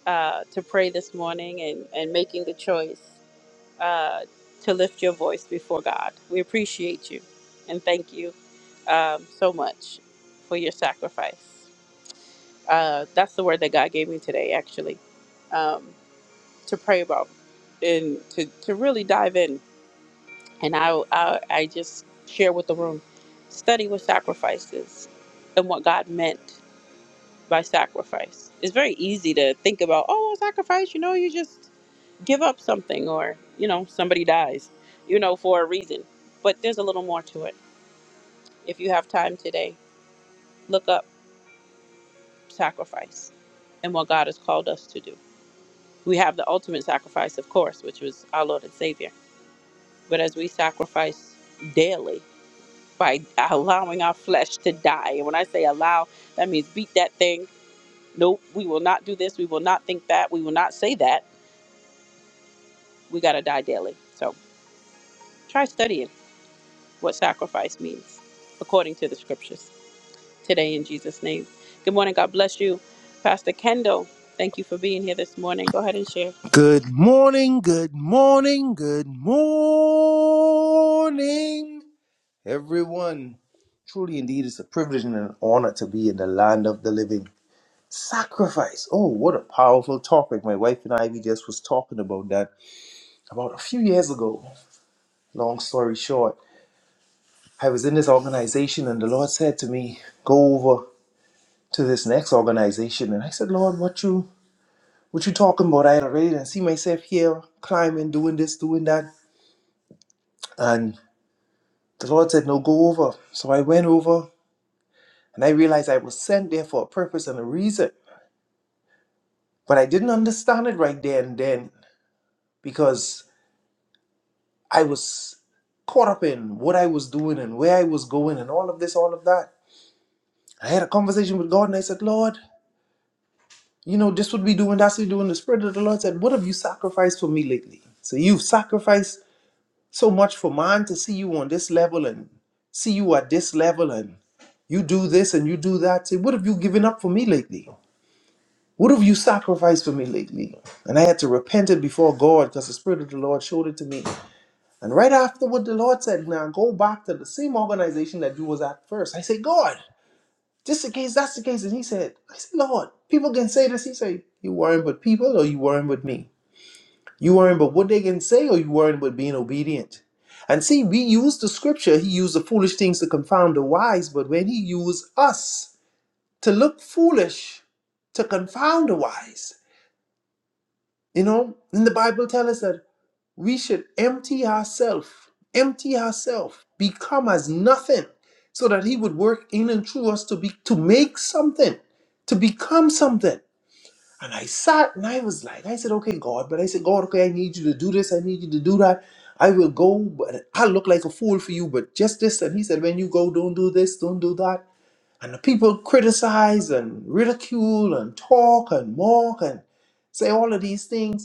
Speaker 1: uh, to pray this morning and, and making the choice uh, to lift your voice before God. We appreciate you and thank you um, so much for your sacrifice. Uh, that's the word that God gave me today, actually. Um, to pray about and to, to really dive in. And I, I, I just share with the room study with sacrifices and what God meant by sacrifice. It's very easy to think about, oh, sacrifice, you know, you just give up something or, you know, somebody dies, you know, for a reason. But there's a little more to it. If you have time today, look up sacrifice and what God has called us to do. We have the ultimate sacrifice, of course, which was our Lord and Savior But as we sacrifice daily by allowing our flesh to die, and when I say allow, that means beat that thing. Nope, we will not do this. We will not think that. We will not say that. We got to die daily. So try studying what sacrifice means according to the scriptures today in Jesus' name. Good morning. God bless you. Pastor Kendall, thank you for being here this morning. Go ahead and share.
Speaker 3: Good morning, good morning, good morning, everyone. Truly, indeed, it's a privilege and an honor to be in the land of the living. Sacrifice. Oh, what a powerful topic. My wife and I, we just was talking about that about a few years ago. Long story short, I was in this organization and the Lord said to me, go over to this next organization. And I said, Lord, what you, what you talking about? I already done see myself here climbing, doing this, doing that. and. The Lord said, No, go over. So I went over and I realized I was sent there for a purpose and a reason. But I didn't understand it right there and then because I was caught up in what I was doing and where I was going and all of this, all of that. I had a conversation with God and I said, Lord, you know, this would be doing, that's what we doing. The Spirit of the Lord said, What have you sacrificed for me lately? So you've sacrificed so much for man to see you on this level and see you at this level and you do this and you do that. Say, what have you given up for me lately? What have you sacrificed for me lately? And I had to repent it before God because the Spirit of the Lord showed it to me. And right afterward, the Lord said, Now go back to the same organization that you was at first. I said, God, this the case, that's the case. And he said, I said, Lord, people can say this. He said, You worrying about people or you worrying about me? You worrying about what they can say or you worrying about being obedient? And see, we use the scripture, he used the foolish things to confound the wise, but when he used us to look foolish, to confound the wise. You know, in the Bible tell us that we should empty ourselves, empty ourselves, become as nothing, so that He would work in and through us to be to make something, to become something. And I sat and I was like, I said, okay, God, but I said, God, okay, I need you to do this, I need you to do that. I will go, but I look like a fool for you, but just this. And he said, when you go, don't do this, don't do that. And the people criticize and ridicule and talk and mock and say all of these things.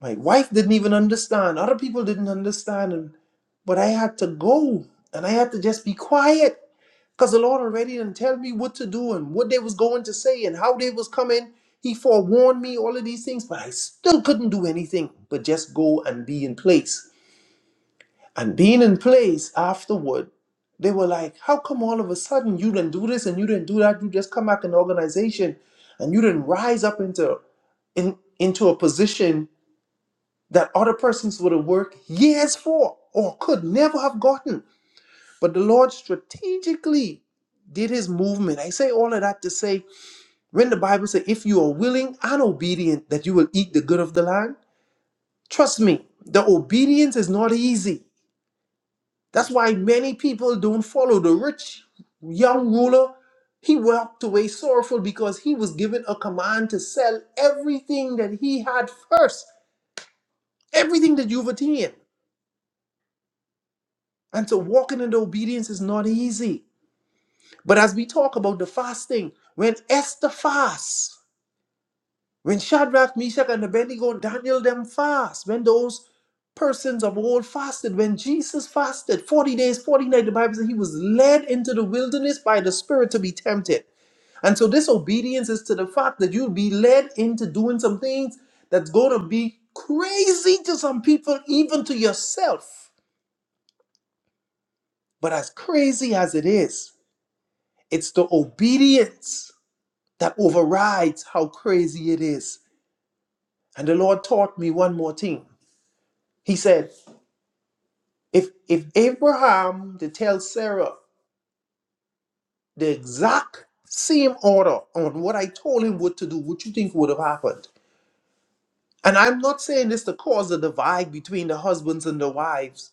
Speaker 3: My wife didn't even understand. Other people didn't understand. And, but I had to go and I had to just be quiet because the Lord already didn't tell me what to do and what they was going to say and how they was coming. He forewarned me all of these things, but I still couldn't do anything but just go and be in place. And being in place afterward, they were like, How come all of a sudden you didn't do this and you didn't do that? You just come back in the organization and you didn't rise up into in, into a position that other persons would have worked years for or could never have gotten. But the Lord strategically did his movement. I say all of that to say when the Bible says, if you are willing and obedient, that you will eat the good of the land, trust me, the obedience is not easy. That's why many people don't follow the rich young ruler. He walked away sorrowful because he was given a command to sell everything that he had first, everything that you've attained. And so walking in the obedience is not easy. But as we talk about the fasting, when Esther fasts, when Shadrach, Meshach, and Abednego, Daniel them fast, when those persons of old fasted, when Jesus fasted 40 days, 40 nights, the Bible says he was led into the wilderness by the Spirit to be tempted. And so this obedience is to the fact that you'll be led into doing some things that's going to be crazy to some people, even to yourself. But as crazy as it is, It's the obedience that overrides how crazy it is. And the Lord taught me one more thing. He said, if if Abraham to tell Sarah the exact same order on what I told him what to do, what you think would have happened? And I'm not saying this to cause a divide between the husbands and the wives.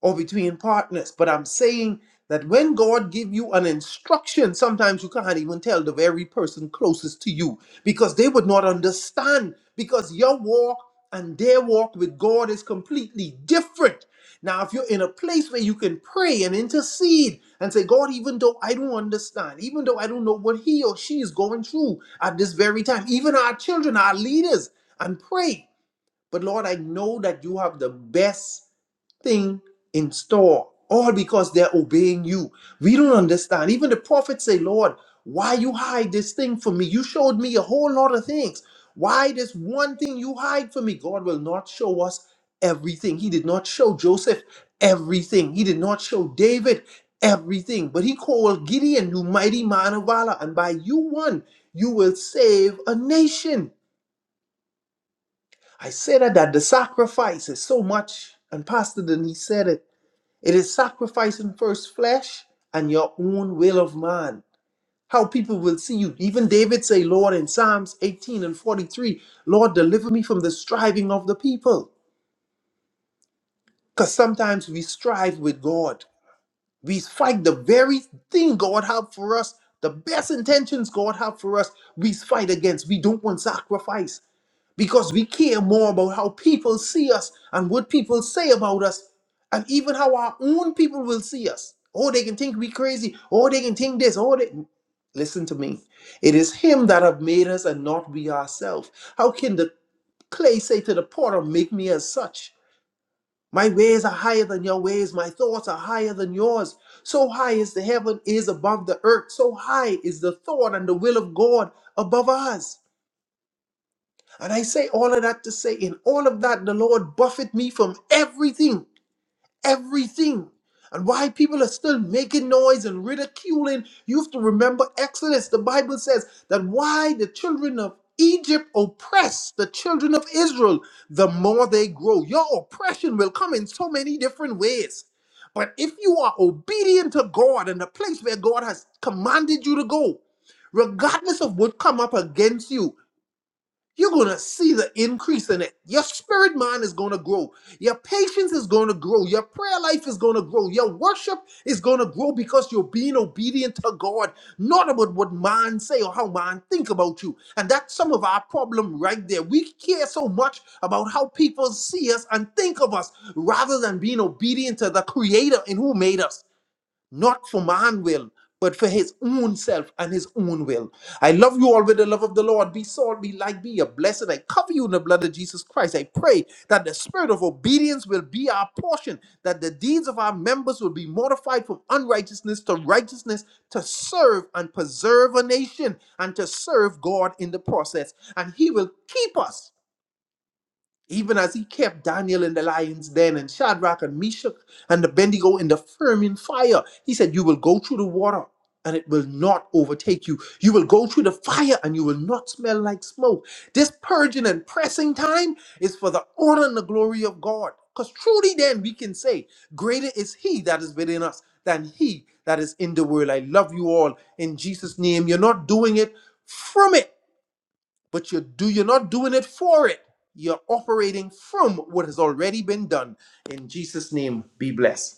Speaker 3: or between partners. But I'm saying that when God give you an instruction, sometimes you can't even tell the very person closest to you because they would not understand because your walk and their walk with God is completely different. Now, if you're in a place where you can pray and intercede and say, God, even though I don't understand, even though I don't know what he or she is going through at this very time, even our children, our leaders, and pray. But Lord, I know that you have the best thing in store, all because they're obeying you. We don't understand. Even the prophets say, Lord, why you hide this thing from me? You showed me a whole lot of things. Why this one thing you hide from me? God will not show us everything. He did not show Joseph everything. He did not show David everything. But he called Gideon, you mighty man of valor, and by you one, you will save a nation. I said that, that the sacrifice is so much, and Pastor Denise said it it is sacrificing first flesh and your own will of man. How people will see you. Even David say, Lord, in Psalms 18 and 43, Lord, deliver me from the striving of the people. Because sometimes we strive with God. We fight the very thing God have for us, the best intentions God have for us, we fight against. We don't want sacrifice. because we care more about how people see us and what people say about us and even how our own people will see us oh they can think we crazy oh they can think this oh they listen to me it is him that have made us and not we ourselves how can the clay say to the potter make me as such my ways are higher than your ways my thoughts are higher than yours so high is the heaven is above the earth so high is the thought and the will of god above us and I say all of that to say, in all of that, the Lord buffet me from everything, everything. And why people are still making noise and ridiculing, you have to remember Exodus. The Bible says that why the children of Egypt oppress the children of Israel, the more they grow. Your oppression will come in so many different ways. But if you are obedient to God and the place where God has commanded you to go, regardless of what come up against you you're going to see the increase in it. Your spirit mind is going to grow. Your patience is going to grow. Your prayer life is going to grow. Your worship is going to grow because you're being obedient to God, not about what man say or how man think about you. And that's some of our problem right there. We care so much about how people see us and think of us rather than being obedient to the creator in who made us not for man will, but for his own self and his own will. I love you all with the love of the Lord. Be salt, be light, be a blessing. I cover you in the blood of Jesus Christ. I pray that the spirit of obedience will be our portion, that the deeds of our members will be mortified from unrighteousness to righteousness to serve and preserve a nation and to serve God in the process. And he will keep us even as he kept Daniel in the lion's den and Shadrach and Meshach and the Bendigo in the flaming fire. He said, You will go through the water and it will not overtake you. You will go through the fire and you will not smell like smoke. This purging and pressing time is for the honor and the glory of God. Because truly, then we can say, Greater is he that is within us than he that is in the world. I love you all in Jesus' name. You're not doing it from it but you do you're not doing it for it you're operating from what has already been done in jesus name be blessed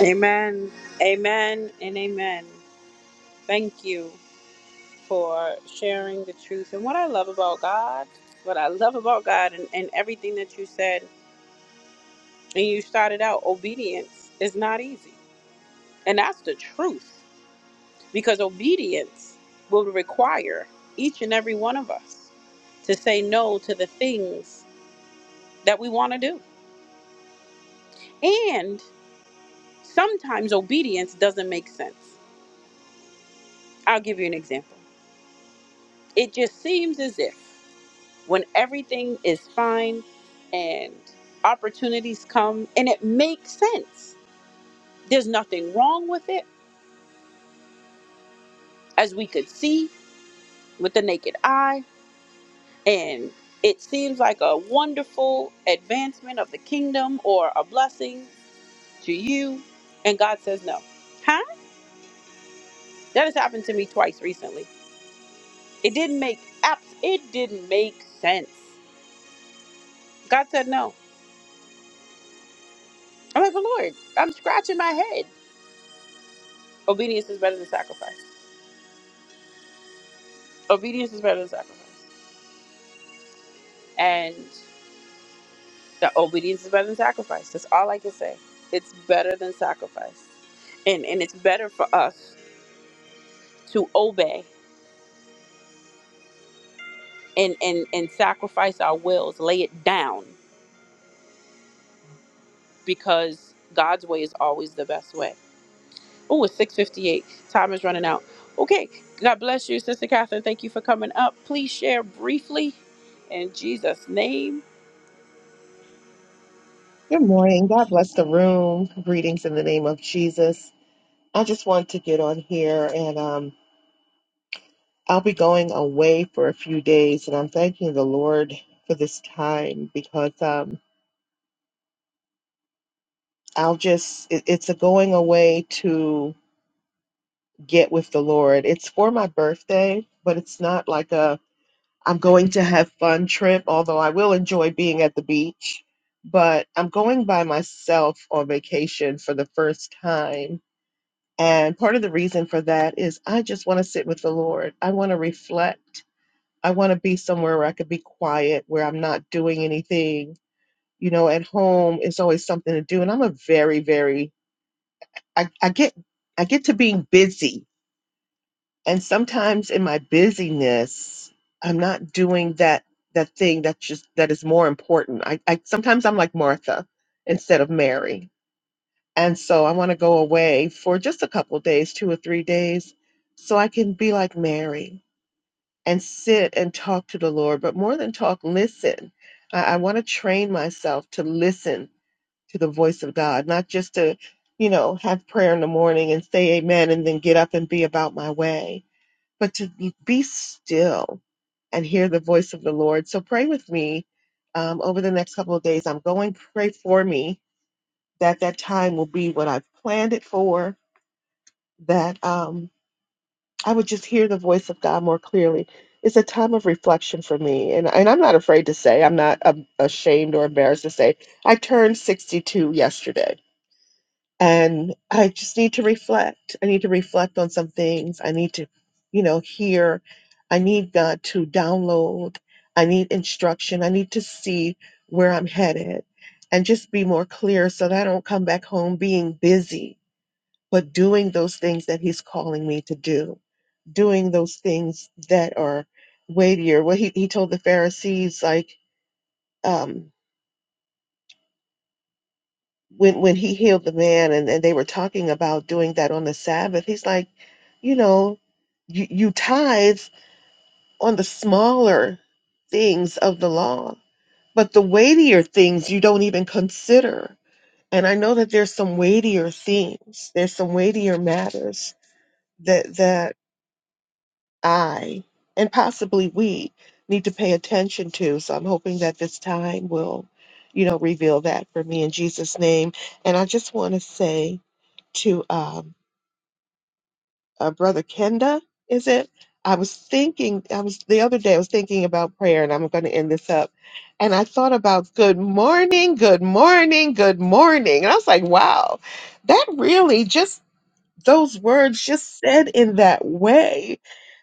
Speaker 1: Amen. Amen and amen. Thank you. for sharing the truth. And what I love about God, what I love about God and, and everything that you said, and you started out, obedience is not easy. And that's the truth because obedience will require each and every one of us to say no to the things that we want to do. And sometimes obedience doesn't make sense. I'll give you an example. It just seems as if. when everything is fine and opportunities come and it makes sense. There's nothing wrong with it, as we could see with the naked eye. And it seems like a wonderful advancement of the kingdom or a blessing to you. And God says no. Huh? That has happened to me twice recently. It didn't make apps, it didn't make sense. God said no. I'm like, but Lord, I'm scratching my head. Obedience is better than sacrifice. obedience is better than sacrifice. And the obedience is better than sacrifice. That's all I can say. It's better than sacrifice. And and it's better for us to obey and and, and sacrifice our wills, lay it down, because God's way is always the best way. Oh, it's 658. Time is running out. Okay. God bless you, Sister Catherine. Thank you for coming up. Please share briefly in Jesus' name.
Speaker 5: Good morning. God bless the room. Greetings in the name of Jesus. I just want to get on here and um, I'll be going away for a few days and I'm thanking the Lord for this time because um, I'll just, it, it's a going away to get with the Lord. It's for my birthday, but it's not like a, I'm going to have fun trip, although I will enjoy being at the beach. But I'm going by myself on vacation for the first time And part of the reason for that is I just want to sit with the Lord. I want to reflect. I want to be somewhere where I could be quiet, where I'm not doing anything. You know, at home, it's always something to do. And I'm a very, very, I, I get, I get to being busy. And sometimes in my busyness, I'm not doing that, that thing that's just, that is more important. I, I sometimes I'm like Martha instead of Mary And so I want to go away for just a couple days, two or three days, so I can be like Mary and sit and talk to the Lord. But more than talk, listen. I, I want to train myself to listen to the voice of God, not just to, you know, have prayer in the morning and say amen and then get up and be about my way, but to be still and hear the voice of the Lord. So pray with me um, over the next couple of days. I'm going, pray for me that that time will be what I've planned it for, that um, I would just hear the voice of God more clearly. It's a time of reflection for me. And, and I'm not afraid to say, I'm not um, ashamed or embarrassed to say, I turned 62 yesterday and I just need to reflect. I need to reflect on some things. I need to, you know, hear. I need God to download. I need instruction. I need to see where I'm headed and just be more clear so that I don't come back home being busy but doing those things that he's calling me to do, doing those things that are weightier. What he, he told the Pharisees, like um, when when he healed the man and, and they were talking about doing that on the Sabbath, he's like, you know, you, you tithe on the smaller things of the law, but the weightier things you don't even consider. And I know that there's some weightier things, there's some weightier matters that that. I and possibly we need to pay attention to. So I'm hoping that this time will, you know, reveal that for me in Jesus' name. And I just want to say to um, uh, Brother Kenda, is it? I was thinking, I was the other day, I was thinking about prayer, and I'm going to end this up. And I thought about good morning, good morning, good morning. And I was like, wow, that really just those words just said in that way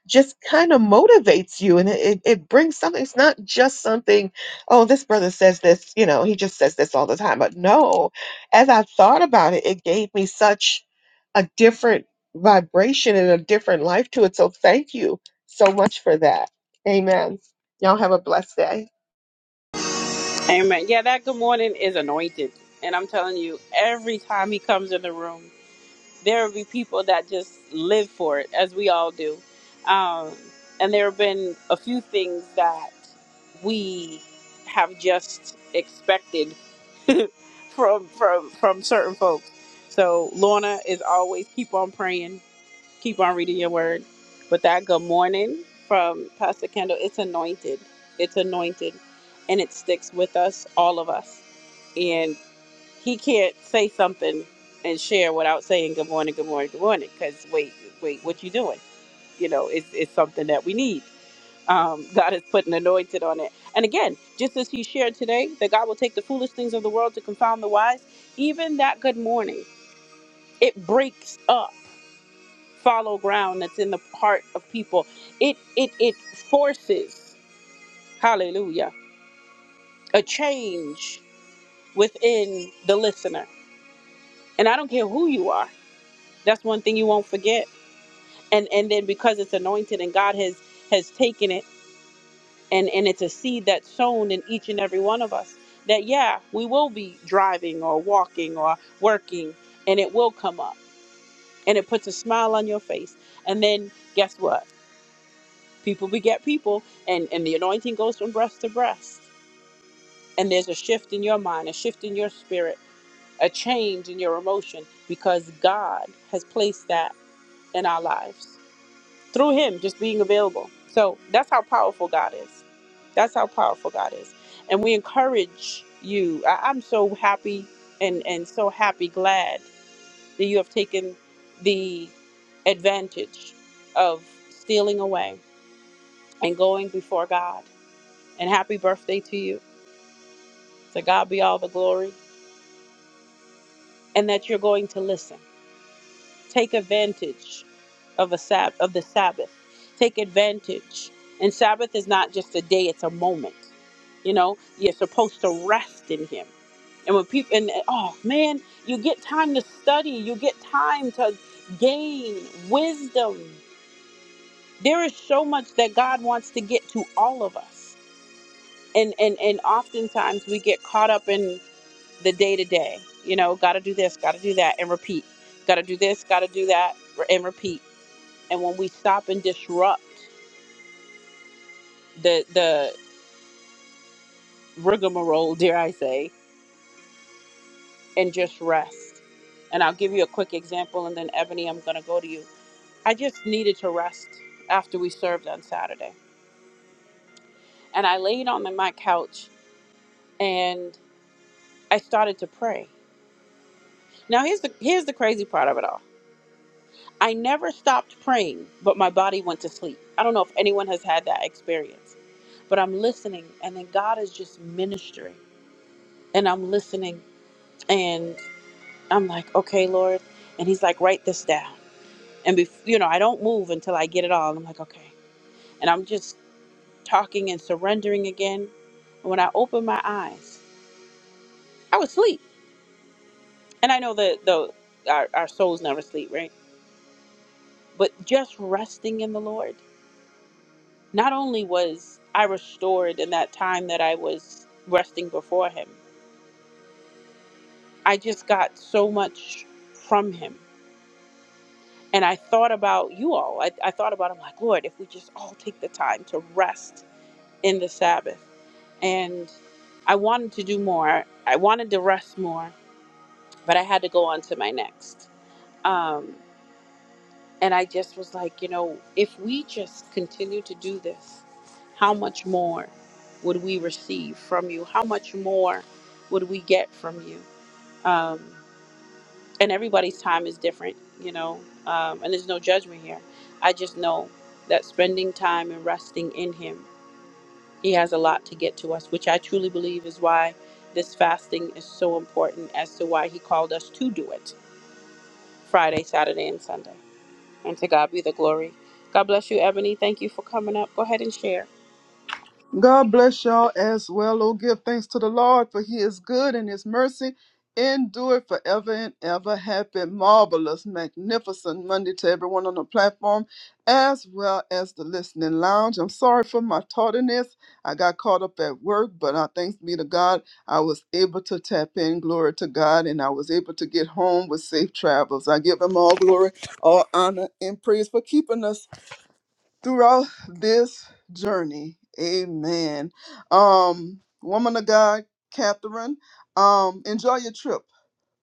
Speaker 5: just kind of motivates you and it, it it brings something it's not just something oh this brother says this you know he just says this all the time but no as i thought about it it gave me such a different vibration and a different life to it so thank you so much for that amen y'all have a blessed day
Speaker 1: Amen. Yeah, that good morning is anointed. And I'm telling you, every time he comes in the room, there will be people that just live for it, as we all do. Um, and there have been a few things that we have just expected from from from certain folks. So Lorna is always keep on praying keep on reading your word. But that good morning from Pastor Kendall, it's anointed. It's anointed. And it sticks with us, all of us. And he can't say something and share without saying good morning, good morning, good morning. Because wait, wait, what you doing? You know, it's, it's something that we need. Um, God is putting anointed on it. And again, just as he shared today, that God will take the foolish things of the world to confound the wise, even that good morning, it breaks up follow ground that's in the heart of people. It it it forces, hallelujah, a change within the listener. And I don't care who you are. That's one thing you won't forget. And and then because it's anointed and God has has taken it and and it's a seed that's sown in each and every one of us that yeah, we will be driving or walking or working and it will come up and it puts a smile on your face. And then guess what? People beget people, and, and the anointing goes from breast to breast. And there's a shift in your mind, a shift in your spirit, a change in your emotion because God has placed that in our lives through Him just being available. So that's how powerful God is. That's how powerful God is. And we encourage you. I, I'm so happy and, and so happy, glad that you have taken the advantage of stealing away and going before God and happy birthday to you. To God be all the glory, and that you're going to listen. Take advantage of a sab- of the Sabbath. Take advantage. And Sabbath is not just a day; it's a moment. You know, you're supposed to rest in Him. And when people and and, oh man, you get time to study. You get time to gain wisdom. There is so much that God wants to get to all of us, and and and oftentimes we get caught up in the day to day. You know, got to do this, got to do that, and repeat. Got to do this, got to do that, and repeat. And when we stop and disrupt the the rigmarole, dare I say, and just rest. And I'll give you a quick example, and then Ebony, I'm gonna go to you. I just needed to rest after we served on Saturday, and I laid on my couch and I started to pray. Now here's the here's the crazy part of it all. I never stopped praying, but my body went to sleep. I don't know if anyone has had that experience. but I'm listening. And then God is just ministering. And I'm listening. And I'm like, okay, Lord. And he's like, write this down. And, bef- you know, I don't move until I get it all. And I'm like, okay. And I'm just talking and surrendering again. And when I open my eyes, I was asleep. And I know that the, our, our souls never sleep, right? But just resting in the Lord, not only was I restored in that time that I was resting before him, I just got so much from him And I thought about you all. I, I thought about, I'm like, Lord, if we just all take the time to rest in the Sabbath. And I wanted to do more. I wanted to rest more, but I had to go on to my next. Um, and I just was like, you know, if we just continue to do this, how much more would we receive from you? How much more would we get from you? Um, and everybody's time is different, you know, um, and there's no judgment here. I just know that spending time and resting in Him, He has a lot to get to us, which I truly believe is why this fasting is so important as to why He called us to do it Friday, Saturday, and Sunday. And to God be the glory. God bless you, Ebony. Thank you for coming up. Go ahead and share.
Speaker 6: God bless y'all as well. Oh, give thanks to the Lord, for he is good and his mercy endure forever and ever. Happy, marvelous, magnificent Monday to everyone on the platform as well as the listening lounge. I'm sorry for my tardiness. I got caught up at work, but I thanks be to God, I was able to tap in. Glory to God, and I was able to get home with safe travels. I give him all glory, all honor, and praise for keeping us throughout this journey. Amen. Um, woman of God, Catherine, um, enjoy your trip,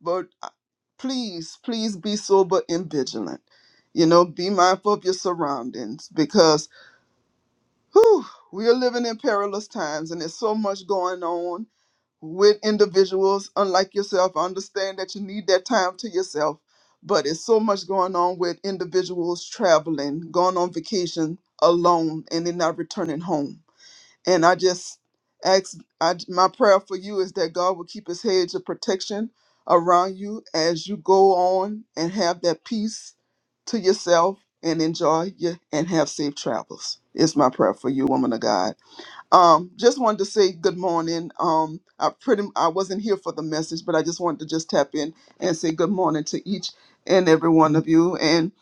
Speaker 6: but uh, please, please be sober and vigilant. You know, be mindful of your surroundings because whew, we are living in perilous times and there's so much going on with individuals unlike yourself. I understand that you need that time to yourself, but it's so much going on with individuals traveling, going on vacation alone, and then not returning home. And I just ask, I, my prayer for you is that God will keep his hedge of protection around you as you go on and have that peace to yourself and enjoy you and have safe travels. Is my prayer for you, woman of God. Um, just wanted to say good morning. Um, I pretty I wasn't here for the message, but I just wanted to just tap in and say good morning to each and every one of you. And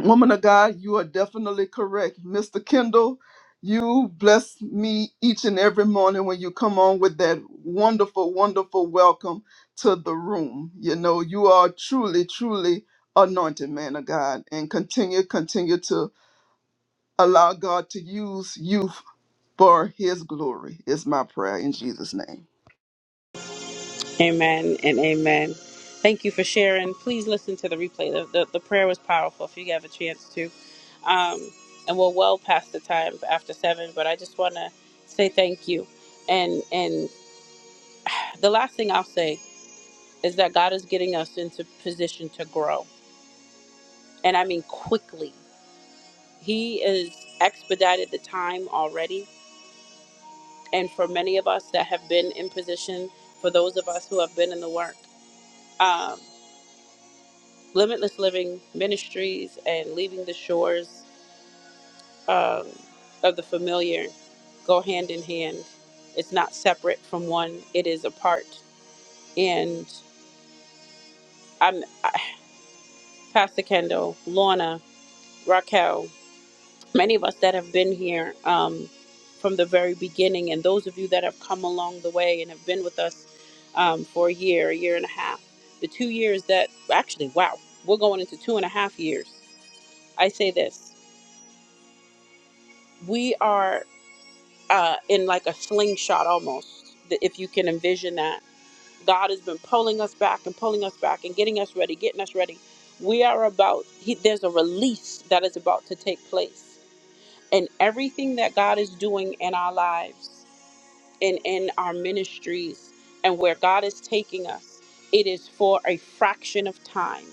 Speaker 6: woman of God, you are definitely correct, Mr. Kendall. You bless me each and every morning when you come on with that wonderful, wonderful welcome to the room. You know, you are truly, truly anointed man of God, and continue, continue to allow God to use you for his glory is my prayer in Jesus' name.
Speaker 1: Amen and amen. Thank you for sharing. Please listen to the replay. The, the, the prayer was powerful if you have a chance to. Um, and we're well past the time after seven, but I just want to say thank you. And and the last thing I'll say is that God is getting us into position to grow, and I mean quickly. He has expedited the time already, and for many of us that have been in position, for those of us who have been in the work. um. Limitless Living Ministries and Leaving the Shores um, of the Familiar go hand in hand. It's not separate from one, it is a part. And I'm I, Pastor Kendall, Lorna, Raquel, many of us that have been here um, from the very beginning, and those of you that have come along the way and have been with us um, for a year, a year and a half, the two years that actually, wow, we're going into two and a half years. I say this we are uh, in like a slingshot almost, th- if you can envision that. God has been pulling us back and pulling us back and getting us ready, getting us ready. We are about, he, there's a release that is about to take place. And everything that God is doing in our lives and in our ministries and where God is taking us, it is for a fraction of time.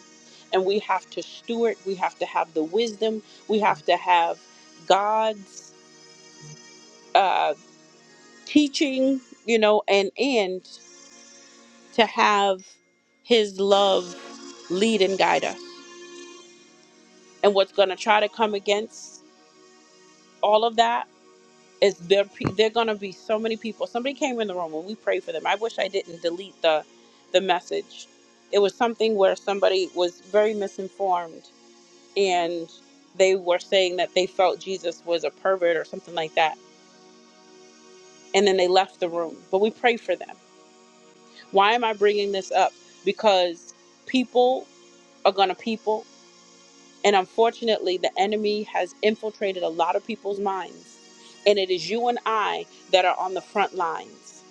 Speaker 1: And we have to steward, we have to have the wisdom, we have to have God's. uh, teaching, you know, and and to have his love lead and guide us. And what's going to try to come against all of that is there pe- there going to be so many people. Somebody came in the room when we prayed for them. I wish I didn't delete the the message. It was something where somebody was very misinformed and they were saying that they felt Jesus was a pervert or something like that. And then they left the room. But we prayed for them Why am I bringing this up? Because people are going to people. And unfortunately, the enemy has infiltrated a lot of people's minds. And it is you and I that are on the front lines.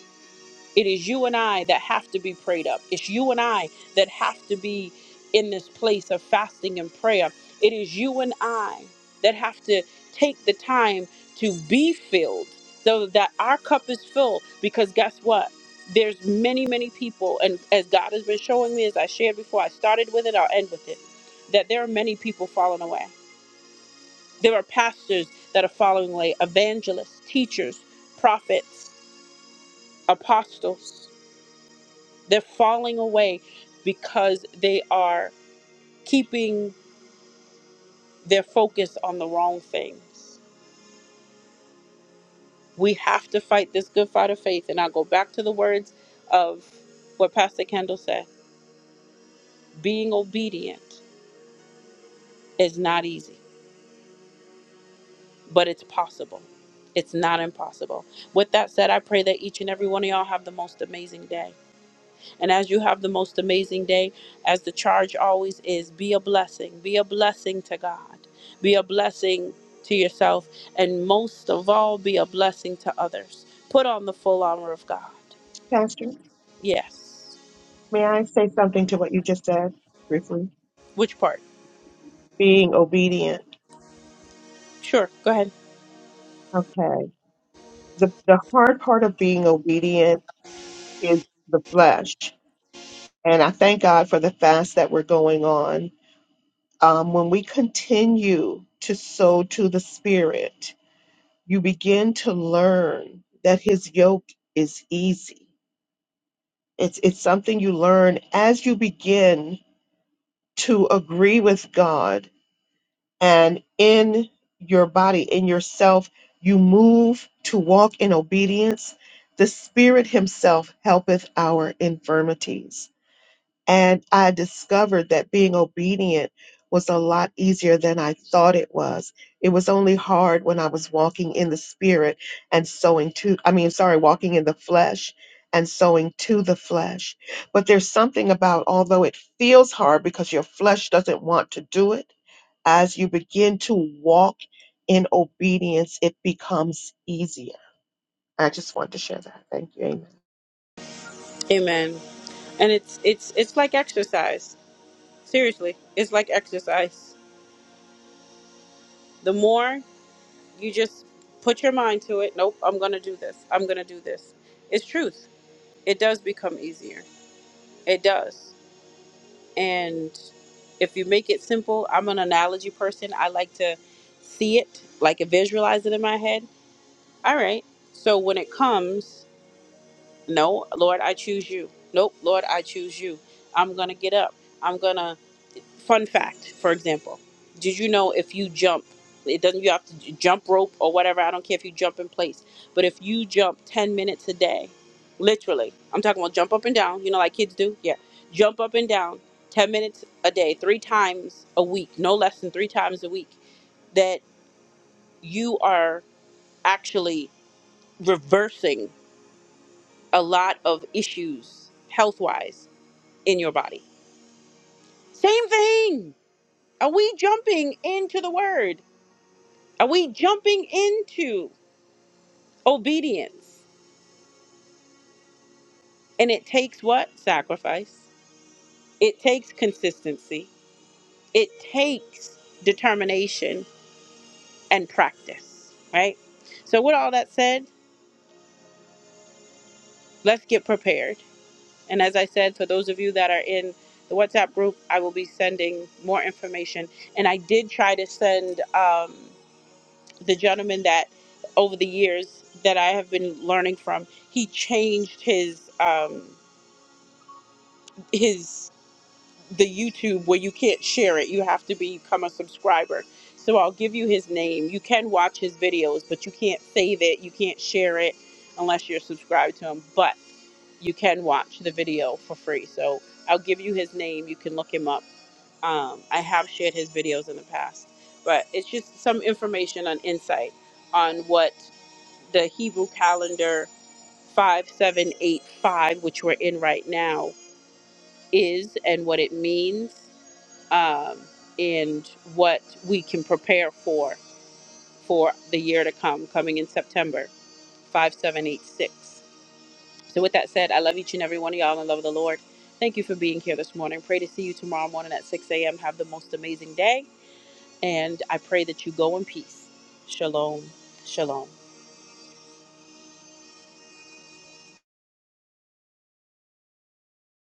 Speaker 1: It is you and I that have to be prayed up. It's you and I that have to be in this place of fasting and prayer. It is you and I that have to take the time to be filled so that our cup is full. Because guess what? There's many, many people, and as God has been showing me, as I shared before, I started with it, I'll end with it, that there are many people falling away. There are pastors that are falling away, evangelists, teachers, prophets, apostles they're falling away because they are keeping their focus on the wrong things. We have to fight this good fight of faith. And I'll go back to the words of what Pastor Kendall said being obedient is not easy, but it's possible. It's not impossible. With that said, I pray that each and every one of y'all have the most amazing day. And as you have the most amazing day, as the charge always is, be a blessing. Be a blessing to God. Be a blessing to yourself. And most of all, be a blessing to others. Put on the full armor of God.
Speaker 5: pastor
Speaker 1: Yes.
Speaker 5: may i say something to what you just said briefly
Speaker 1: Which part?
Speaker 5: being obedient
Speaker 1: Sure. Go ahead.
Speaker 5: okay the, the hard part of being obedient is the flesh. And I thank God for the fast that we're going on. Um, when we continue to sow to the Spirit, you begin to learn that His yoke is easy. It's, it's something you learn as you begin to agree with God and in your body, in yourself, you move to walk in obedience. The Spirit Himself helpeth our infirmities. And I discovered that being obedient was a lot easier than I thought it was. It was only hard when I was walking in the Spirit and sowing to, I mean, sorry, walking in the flesh and sowing to the flesh. But there's something about, although it feels hard because your flesh doesn't want to do it as you begin to walk in obedience, it becomes easier. I just want to share that. Thank you. Amen.
Speaker 1: Amen. And it's it's it's like exercise. Seriously. It's like exercise. The more you just put your mind to it, nope, I'm gonna do this. I'm gonna do this. It's truth. It does become easier. It does. and if you make it simple i'm an analogy person i like to see it like visualize it in my head all right so when it comes no lord i choose you nope lord i choose you i'm gonna get up i'm gonna Fun fact, for example, did you know if you jump, it doesn't you have to j- jump rope or whatever. I don't care if you jump in place, but if you jump ten minutes a day, literally, I'm talking about jump up and down. You know, like kids do. Yeah, jump up and down ten minutes a day, three times a week, no less than three times a week. That you are actually reversing a lot of issues health wise in your body. Same thing. Are we jumping into the word? Are we jumping into obedience? And it takes what? Sacrifice. It takes consistency. It takes determination and practice, right? So, with all that said, let's get prepared. And as I said, for those of you that are in the WhatsApp group, I will be sending more information. And I did try to send um, the gentleman that over the years that I have been learning from, he changed his. Um, his the YouTube where you can't share it. You have to become a subscriber. So I'll give you his name. You can watch his videos, but you can't save it. You can't share it unless you're subscribed to him. But you can watch the video for free. So I'll give you his name. You can look him up. Um, I have shared his videos in the past, but it's just some information on insight on what the Hebrew calendar 5785, which we're in right now, is and what it means um, and what we can prepare for for the year to come, coming in September 5786. So, with that said, I love each and every one of y'all and love of the Lord. Thank you for being here this morning. Pray to see you tomorrow morning at 6 a.m. Have the most amazing day, and I pray that you go in peace. Shalom. Shalom.